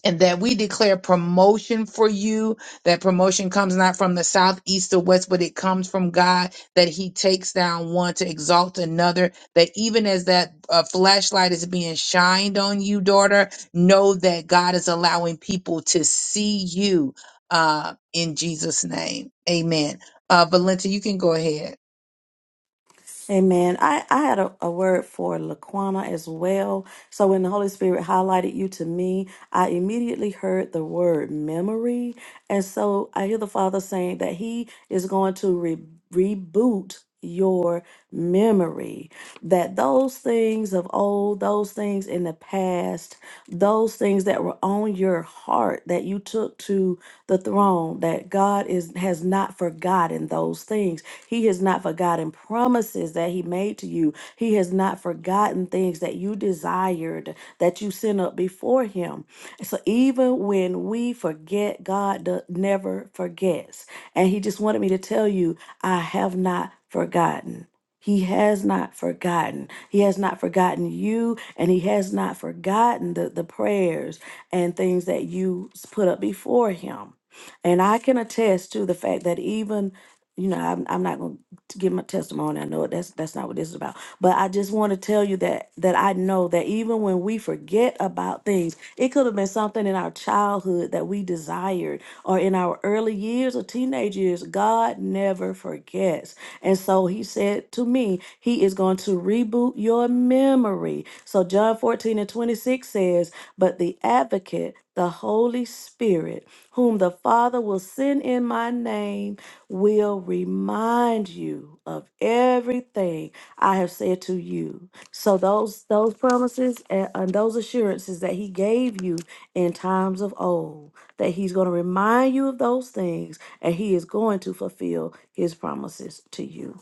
[SPEAKER 1] and that we declare promotion for you. That promotion comes not from the south, east, or west, but it comes from God. That He takes down one to exalt another. That even as that uh, flashlight is being shined on you, daughter, know that God is allowing people to see you uh, in Jesus' name. Amen. Uh, Valenta, you can go ahead.
[SPEAKER 2] Amen. I, I had a, a word for Laquana as well. So when the Holy Spirit highlighted you to me, I immediately heard the word memory. And so I hear the Father saying that He is going to re- reboot your memory. That those things of old, those things in the past, those things that were on your heart that you took to the throne, that God is has not forgotten those things he has not forgotten promises that He made to you. He has not forgotten things that you desired that you sent up before Him. So even when we forget, God do- never forgets. And He just wanted me to tell you, I have not forgotten. He has not forgotten. He has not forgotten you, and He has not forgotten the, the prayers and things that you s- put up before Him. And I can attest to the fact that even you know, I'm, I'm not going to give my testimony. I know that's that's not what this is about. But I just want to tell you that that I know that even when we forget about things, it could have been something in our childhood that we desired or in our early years or teenage years. God never forgets. And so he said to me, he is going to reboot your memory. So John 14 and 26 says, but the advocate, the Holy Spirit, whom the Father will send in my name, will remind you of everything I have said to you. So those those promises and, and those assurances that he gave you in times of old, that he's going to remind you of those things and he is going to fulfill his promises to you.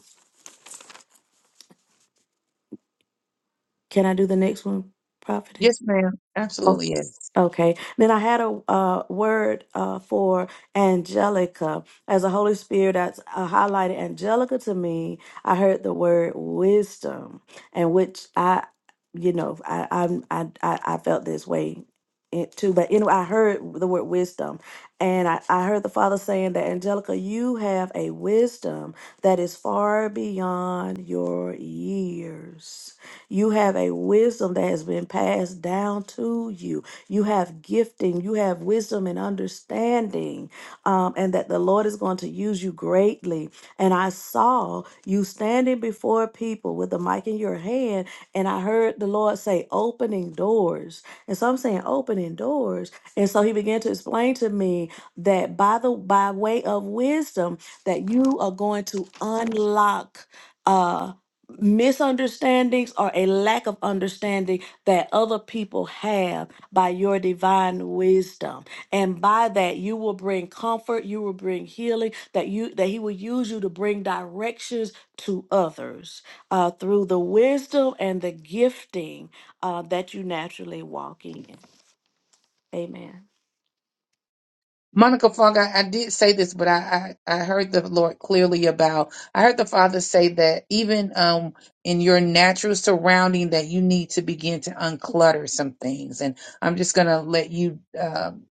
[SPEAKER 2] Can I do the next one,
[SPEAKER 1] Yes,
[SPEAKER 2] prophetess?
[SPEAKER 1] ma'am. Absolutely. Yes.
[SPEAKER 2] Okay. Then I had a uh, word uh, for Angelica. As the Holy Spirit that's uh, highlighted Angelica to me, I heard the word wisdom, and which I, you know, I I'm- I I, I felt this way it too. But anyway, I heard the word wisdom, and I, I heard the Father saying that Angelica, you have a wisdom that is far beyond your years. You have a wisdom that has been passed down to you. You have gifting, you have wisdom and understanding, um, and that the Lord is going to use you greatly. And I saw call, you standing before people with a mic in your hand, and I heard the Lord say, opening doors. And so I'm saying, opening doors. And so he began to explain to me that by the by way of wisdom, that you are going to unlock. Uh, misunderstandings or a lack of understanding that other people have by your divine wisdom and by that you will bring comfort you will bring healing that you that he will use you to bring directions to others uh, through the wisdom and the gifting uh, that you naturally walk in amen
[SPEAKER 1] Monica Fung, I, I did say this, but I, I, I heard the Lord clearly about. I heard the Father say that even um in your natural surrounding, that you need to begin to unclutter some things. And I'm just gonna let you um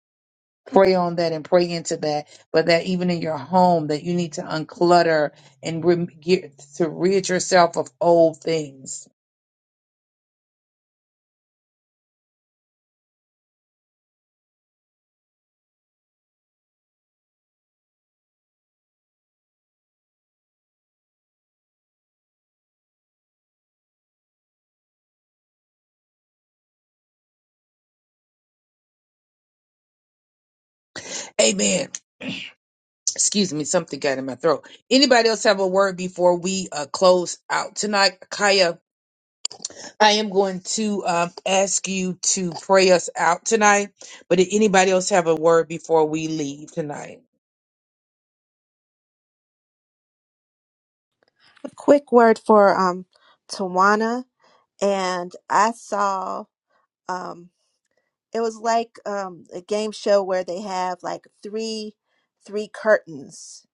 [SPEAKER 1] pray on that and pray into that. But that even in your home, that you need to unclutter and rem- get to rid yourself of old things. Amen. Excuse me, something got in my throat. Anybody else have a word before we uh, close out tonight? Kaya, I am going to um, ask you to pray us out tonight. But did anybody else have a word before we leave tonight?
[SPEAKER 8] A quick word for um, Tawana. And I saw. Um, it was like um, a game show where they have like three three curtains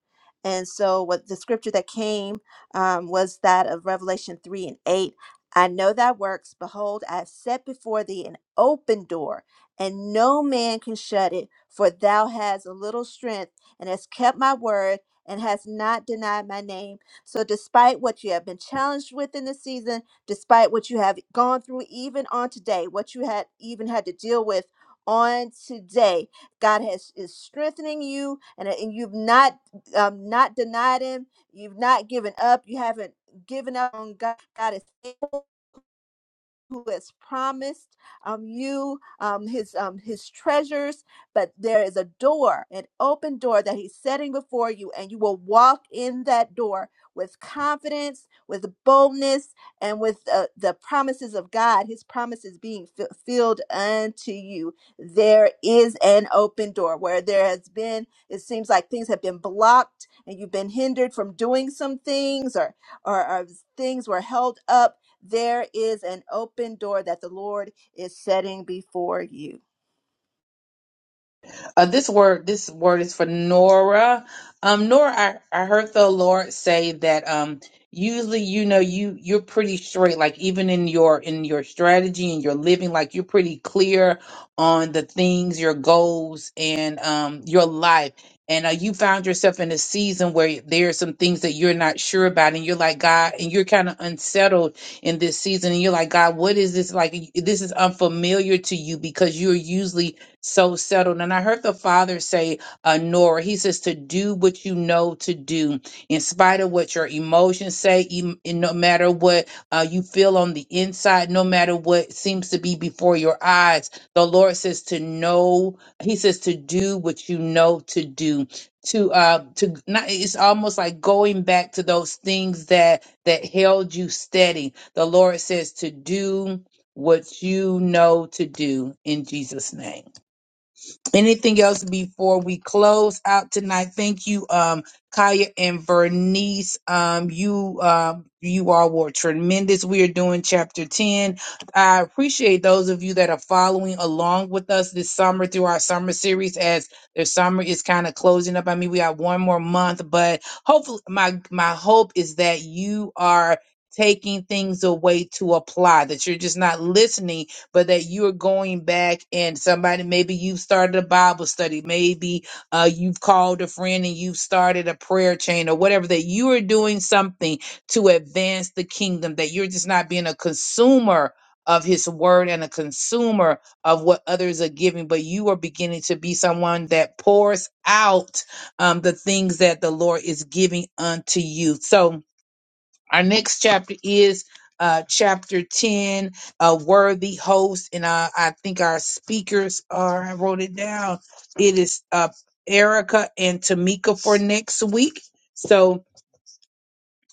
[SPEAKER 8] and so what the scripture that came um, was that of revelation 3 and 8 i know thy works behold i have set before thee an open door and no man can shut it for thou hast a little strength and hast kept my word and hast not denied my name so despite what you have been challenged with in this season despite what you have gone through even on today, what you had even had to deal with on today. God has is strengthening you and, uh, and you've not um, not denied him. You've not given up. You haven't given up on God. God is faithful who has promised um, you um, his um, his treasures, but there is a door, an open door that he's setting before you, and you will walk in that door with confidence, with boldness, and with uh, the promises of God. His promises being fulfilled unto you. There is an open door where there has been. It seems like things have been blocked, and you've been hindered from doing some things, or or, or things were held up there is an open door that the Lord is setting before you.
[SPEAKER 1] Uh, this word, this word is for Nora. Um, Nora, I, I heard the Lord say that um, usually, you know, you you're pretty straight. Like even in your in your strategy and your living, like you're pretty clear on the things, your goals, and um, your life. And uh, you found yourself in a season where there are some things that you're not sure about, and you're like God, and you're kind of unsettled in this season, and you're like God, what is this like? This is unfamiliar to you because you're usually so settled. And I heard the father say, uh, Nora, he says to do what you know to do, in spite of what your emotions say, em- and no matter what uh, you feel on the inside, no matter what seems to be before your eyes. The Lord says to know, he says to do what you know to do to uh to not it's almost like going back to those things that that held you steady the lord says to do what you know to do in jesus name Anything else before we close out tonight? Thank you, um, Kaya and Vernice. Um, you, um, you all were tremendous. We are doing chapter 10. I appreciate those of you that are following along with us this summer through our summer series as their summer is kind of closing up. I mean, we got one more month, but hopefully my, my hope is that you are taking things away to apply, that you're just not listening but that you're going back and somebody, maybe you've started a Bible study, maybe uh, you've called a friend and you've started a prayer chain or whatever, that you are doing something to advance the kingdom, that you're just not being a consumer of his word and a consumer of what others are giving, but you are beginning to be someone that pours out um, the things that the Lord is giving unto you. So, our next chapter is uh, chapter 10, a worthy host. And uh, I think our speakers are, I wrote it down. It is uh, Erica and Tamika for next week. So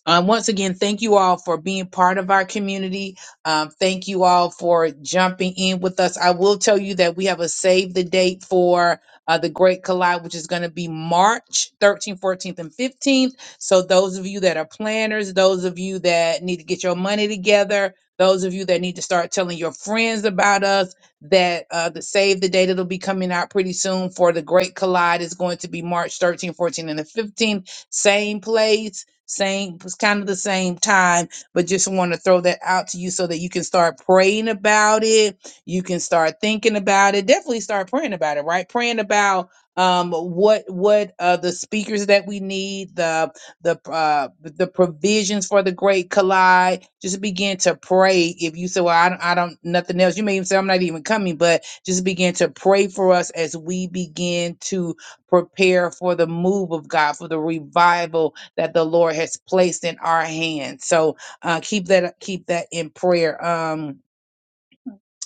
[SPEAKER 1] um, once again, thank you all for being part of our community. Um, thank you all for jumping in with us. I will tell you that we have a save the date for uh, the Great Collide, which is going to be March 13th, 14th, and 15th. So, those of you that are planners, those of you that need to get your money together, those of you that need to start telling your friends about us, that uh, the save the date that'll be coming out pretty soon for the Great Collide is going to be March 13th, 14th, and the 15th. Same place same, it's kind of the same time, but just want to throw that out to you so that you can start praying about it. You can start thinking about it. Definitely start praying about it, right? Praying about um what what uh the speakers that we need the the uh the provisions for the great collide just begin to pray if you say well i don't, I don't nothing else you may even say i'm not even coming but just begin to pray for us as we begin to prepare for the move of god for the revival that the Lord has placed in our hands. So uh, keep that keep that in prayer. Um,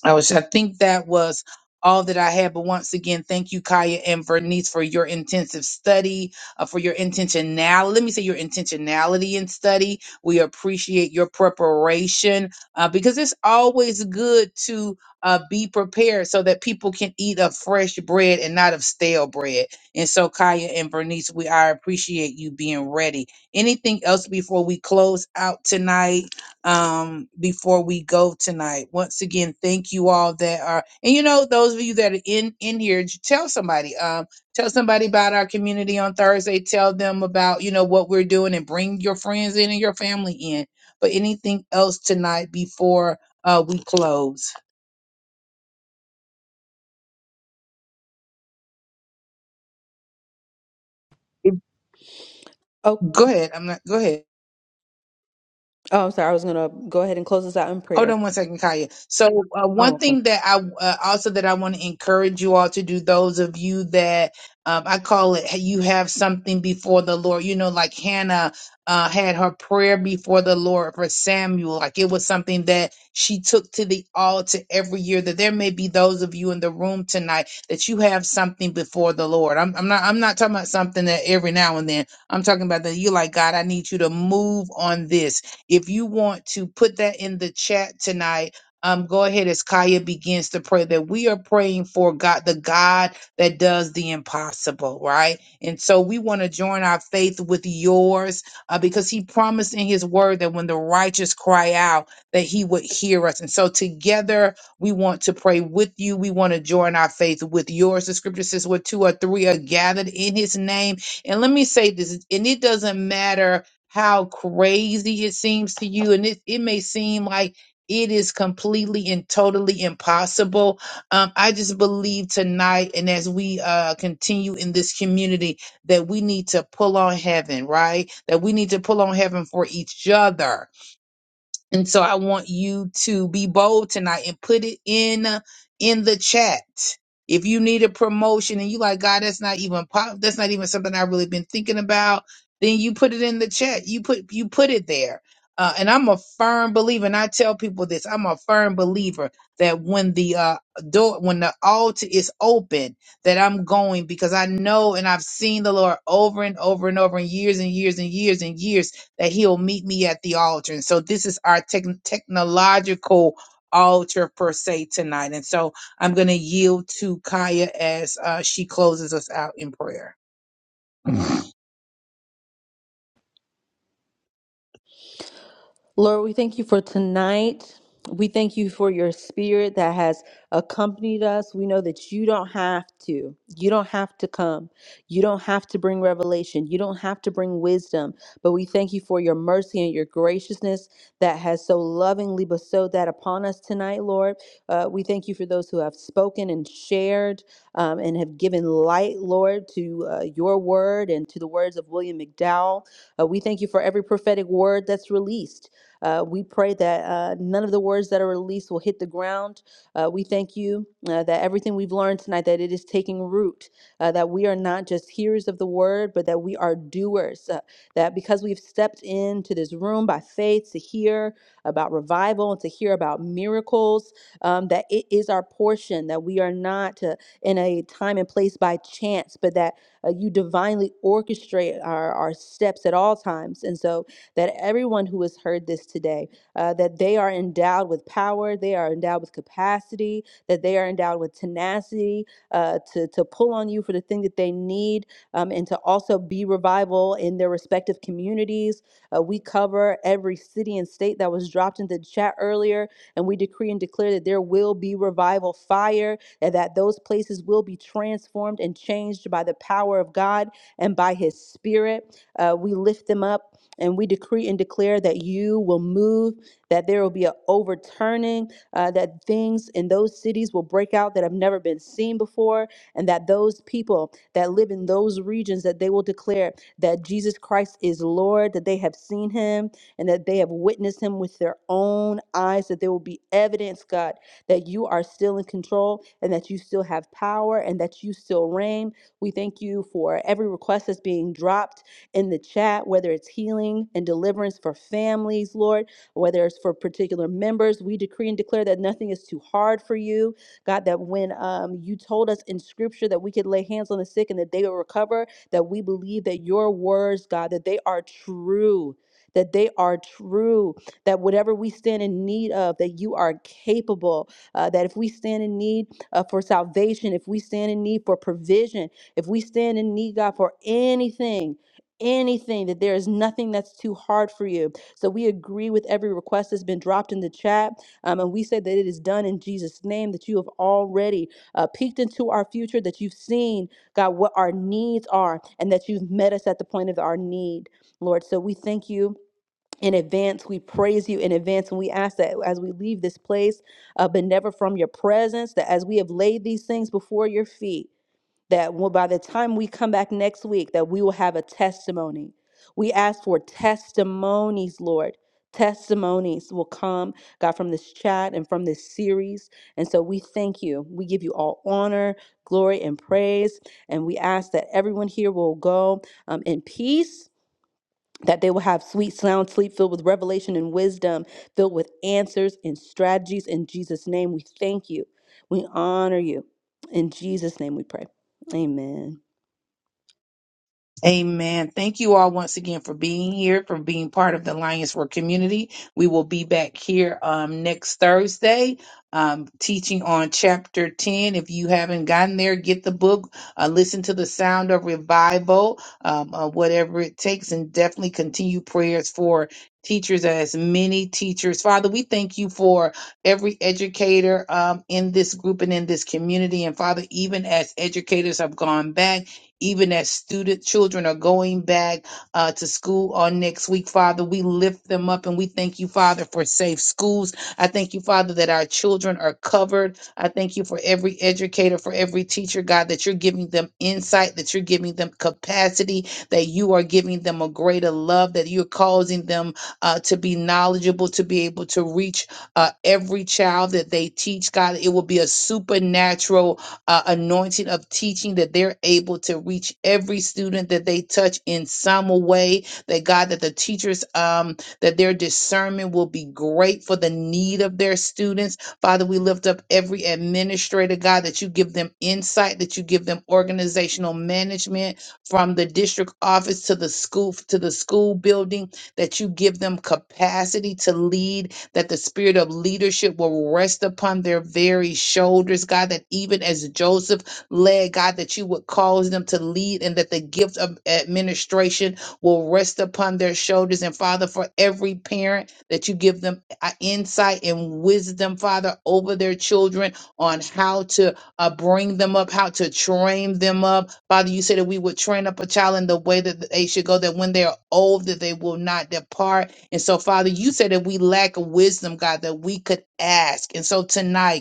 [SPEAKER 1] I was. I think that was all that I had. But once again, thank you, Kaya and Vernice, for your intensive study, uh, for your intentionality. Let me say your intentionality in study. We appreciate your preparation uh, because it's always good to uh, be prepared so that people can eat of fresh bread and not of stale bread. And so, Kaya and Vernice, we I appreciate you being ready. Anything else before we close out tonight? um, before we go tonight. Once again, thank you all that are, and you know, those of you that are in in here, j- tell somebody, um, tell somebody about our community on Thursday. Tell them about you know what we're doing, and bring your friends in and your family in. But anything else tonight before uh, we close?
[SPEAKER 4] Oh,
[SPEAKER 1] Go ahead. I'm not. Go ahead.
[SPEAKER 4] oh, sorry. I was gonna go ahead and close this out in
[SPEAKER 1] Hold
[SPEAKER 4] prayer.
[SPEAKER 1] on one second, Kaya. So, uh,
[SPEAKER 4] Oh,
[SPEAKER 1] one
[SPEAKER 4] okay.
[SPEAKER 1] thing that I uh, also that I want to encourage you all to do, those of you that um, I call it, you have something before the Lord. You know, like Hannah uh, had her prayer before the Lord for Samuel. Like it was something that she took to the altar every year. That there may be those of you in the room tonight that you have something before the Lord. I'm, I'm not. I'm not talking about something that every now and then. I'm talking about that you like God. I need you to move on this if you want to put that in the chat tonight, um, go ahead as Kaya begins to pray that we are praying for God, the God that does the impossible, right? And so we want to join our faith with yours uh, because He promised in His word that when the righteous cry out, that He would hear us. And so together we want to pray with you. We want to join our faith with yours. The scripture says, where two or three are gathered in His name. And let me say this, and it doesn't matter how crazy it seems to you and it, it may seem like it is completely and totally impossible um, i just believe tonight and as we uh, continue in this community that we need to pull on heaven right that we need to pull on heaven for each other and so I want you to be bold tonight and put it in uh, in the chat. If you need a promotion and you like, God, that's not even pop, that's not even something I've really been thinking about, then you put it in the chat. You put you put it there. Uh, and I'm a firm believer, and I tell people this: I'm a firm believer that when the uh, door, when the altar is open, that I'm going because I know and I've seen the Lord over and over and over and years and years and years and years that he'll meet me at the altar. And so this is our techn technological altar per se tonight. And so I'm going to yield to Kaya as uh, she closes us out in prayer.
[SPEAKER 4] Lord, we thank you for tonight. We thank you for your spirit that has accompanied us. We know that you don't have to. You don't have to come. You don't have to bring revelation. You don't have to bring wisdom. But we thank you for your mercy and your graciousness that has so lovingly bestowed that upon us tonight, Lord. Uh, we thank you for those who have spoken and shared um, and have given light, Lord, to uh, your word and to the words of William McDowell. Uh, we thank you for every prophetic word that's released. Uh, we pray that uh, none of the words that are released will hit the ground. Uh, we thank you uh, that everything we've learned tonight, that it is taking root, uh, that we are not just hearers of the word, but that we are doers. uh, that because we've stepped into this room by faith to hear about revival and to hear about miracles, um, that it is our portion, that we are not uh, in a time and place by chance, but that uh, you divinely orchestrate our, our steps at all times. And so, that everyone who has heard this today, uh, that they are endowed with power, they are endowed with capacity, that they are endowed with tenacity uh, to, to pull on you for the thing that they need, um, and to also be revival in their respective communities. Uh, we cover every city and state that was dropped into the chat earlier, and we decree and declare that there will be revival fire, and that those places will be transformed and changed by the power of God and by His Spirit. Uh, we lift them up and we decree and declare that you will move, that there will be an overturning, uh, that things in those cities will break out that have never been seen before, and that those people that live in those regions that they will declare that Jesus Christ is Lord, that they have seen him and that they have witnessed him with their own eyes, that there will be evidence, God, that you are still in control and that you still have power and that you still reign. We thank you for every request that's being dropped in the chat, whether it's healing and deliverance for families, Lord, whether it's for particular members. We decree and declare that nothing is too hard for you. God, that when um, you told us in scripture that we could lay hands on the sick and that they will recover, that we believe that your words, God, that they are true. That they are true, that whatever we stand in need of, that you are capable, uh, that if we stand in need uh, for salvation, if we stand in need for provision, if we stand in need, God, for anything, anything, that there is nothing that's too hard for you. So we agree with every request that's been dropped in the chat. Um, and we say that it is done in Jesus' name, that you have already uh, peeked into our future, that you've seen, God, what our needs are, and that you've met us at the point of our need, Lord. So we thank you. In advance, we praise you in advance, and we ask that as we leave this place, uh, but never from your presence, that as we have laid these things before your feet, that w- by the time we come back next week that we will have a testimony we ask for testimonies lord testimonies will come god from this chat and from this series and so we thank you we give you all honor glory and praise and we ask that everyone here will go um, in peace that they will have sweet sound sleep filled with revelation and wisdom, filled with answers and strategies. In Jesus' name, we thank you. We honor you. In Jesus' name, we pray. Amen.
[SPEAKER 1] Amen. Thank you all once again for being here, for being part of the Lions for community. We will be back here um, next Thursday um, teaching on chapter 10. If you haven't gotten there, get the book, uh, listen to the sound of revival, um, uh, whatever it takes, and definitely continue prayers for teachers as many teachers. Father, we thank you for every educator um, in this group and in this community. And Father, even as educators have gone back, even as student children are going back uh, to school on next week, Father. We lift them up and we thank you, Father, for safe schools. I thank you, Father, that our children are covered. I thank you for every educator, for every teacher, God, that you're giving them insight, that you're giving them capacity, that you are giving them a greater love, that you're causing them uh, to be knowledgeable, to be able to reach uh, every child that they teach, God. It will be a supernatural uh, anointing of teaching that they're able to reach every student that they touch in some way. That God, that the teachers, um, that their discernment will be great for the need of their students. Father, we lift up every administrator, God, that you give them insight, that you give them organizational management from the district office to the school to the school building, that you give them capacity to lead that the spirit of leadership will rest upon their very shoulders, God, that even as Joseph led, God, that you would cause them to lead and that the gift of administration will rest upon their shoulders. And Father, for every parent, that you give them uh, insight and wisdom, Father, over their children on how to uh, bring them up, how to train them up. Father, you said that we would train up a child in the way that they should go, that when they are old, that they will not depart. And so, Father, you said that we lack wisdom, God, that we could ask. And so tonight,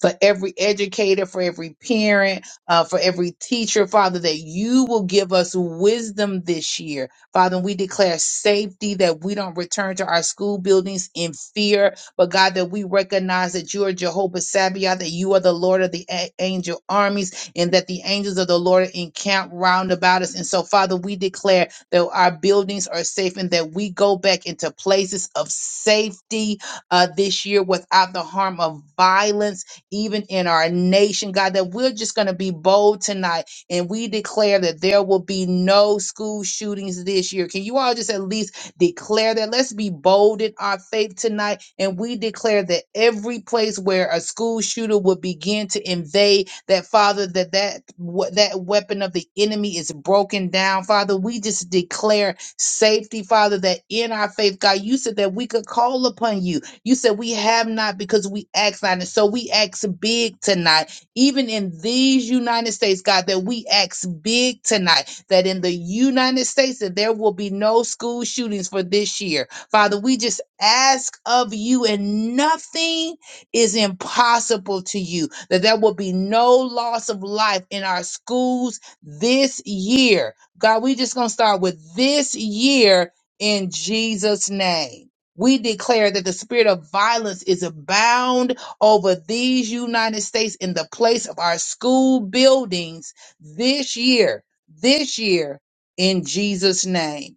[SPEAKER 1] for every educator, for every parent, uh, for every teacher, Father, that you will give us wisdom this year. Father, we declare safety that we don't return to our school buildings in fear, but God, that we recognize that you are Jehovah Sabaoth, that you are the Lord of the a- angel armies, and that the angels of the Lord encamp round about us. And so, Father, we declare that our buildings are safe and that we go back into places of safety uh, this year without the harm of violence even in our nation, God, that we're just going to be bold tonight and we declare that there will be no school shootings this year. Can you all just at least declare that? Let's be bold in our faith tonight and we declare that every place where a school shooter would begin to invade, that Father, that that, we- that weapon of the enemy is broken down. Father, we just declare safety, Father, that in our faith, God, you said that we could call upon you you said we have not because we ask not. And so we ask big tonight, even in these United States, God, that we ask big tonight, that in the United States, that there will be no school shootings for this year. Father, we just ask of you, and nothing is impossible to you, that there will be no loss of life in our schools this year. God, we just going to start with this year in Jesus' name. We declare that the spirit of violence is abound over these United States in the place of our school buildings this year, this year, in Jesus' name,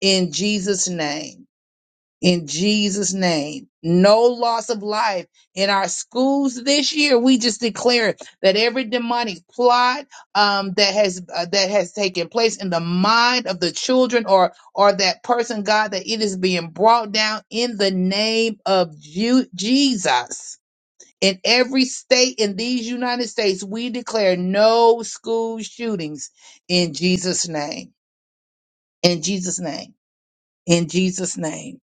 [SPEAKER 1] in Jesus' name in Jesus' name. No loss of life in our schools this year. We just declare that every demonic plot um, that has uh, that has taken place in the mind of the children or or that person, God, that it is being brought down in the name of Ju- Jesus. In every state in these United States, we declare no school shootings in Jesus' name. In Jesus' name. In Jesus' name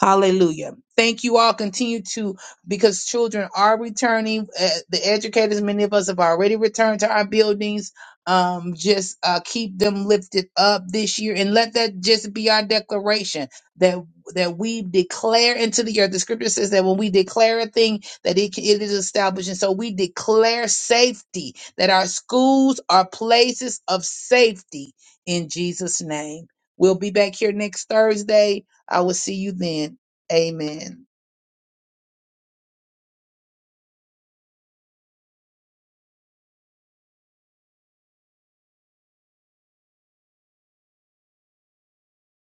[SPEAKER 1] Hallelujah. Thank you all. Continue to, because children are returning. Uh, the educators, many of us have already returned to our buildings. Um, just uh, keep them lifted up this year and let that just be our declaration that that we declare into the earth. The scripture says that when we declare a thing, that it, it is established. And so we declare safety, that our schools are places of safety in Jesus' name. We'll be back here next Thursday I will see you then. Amen.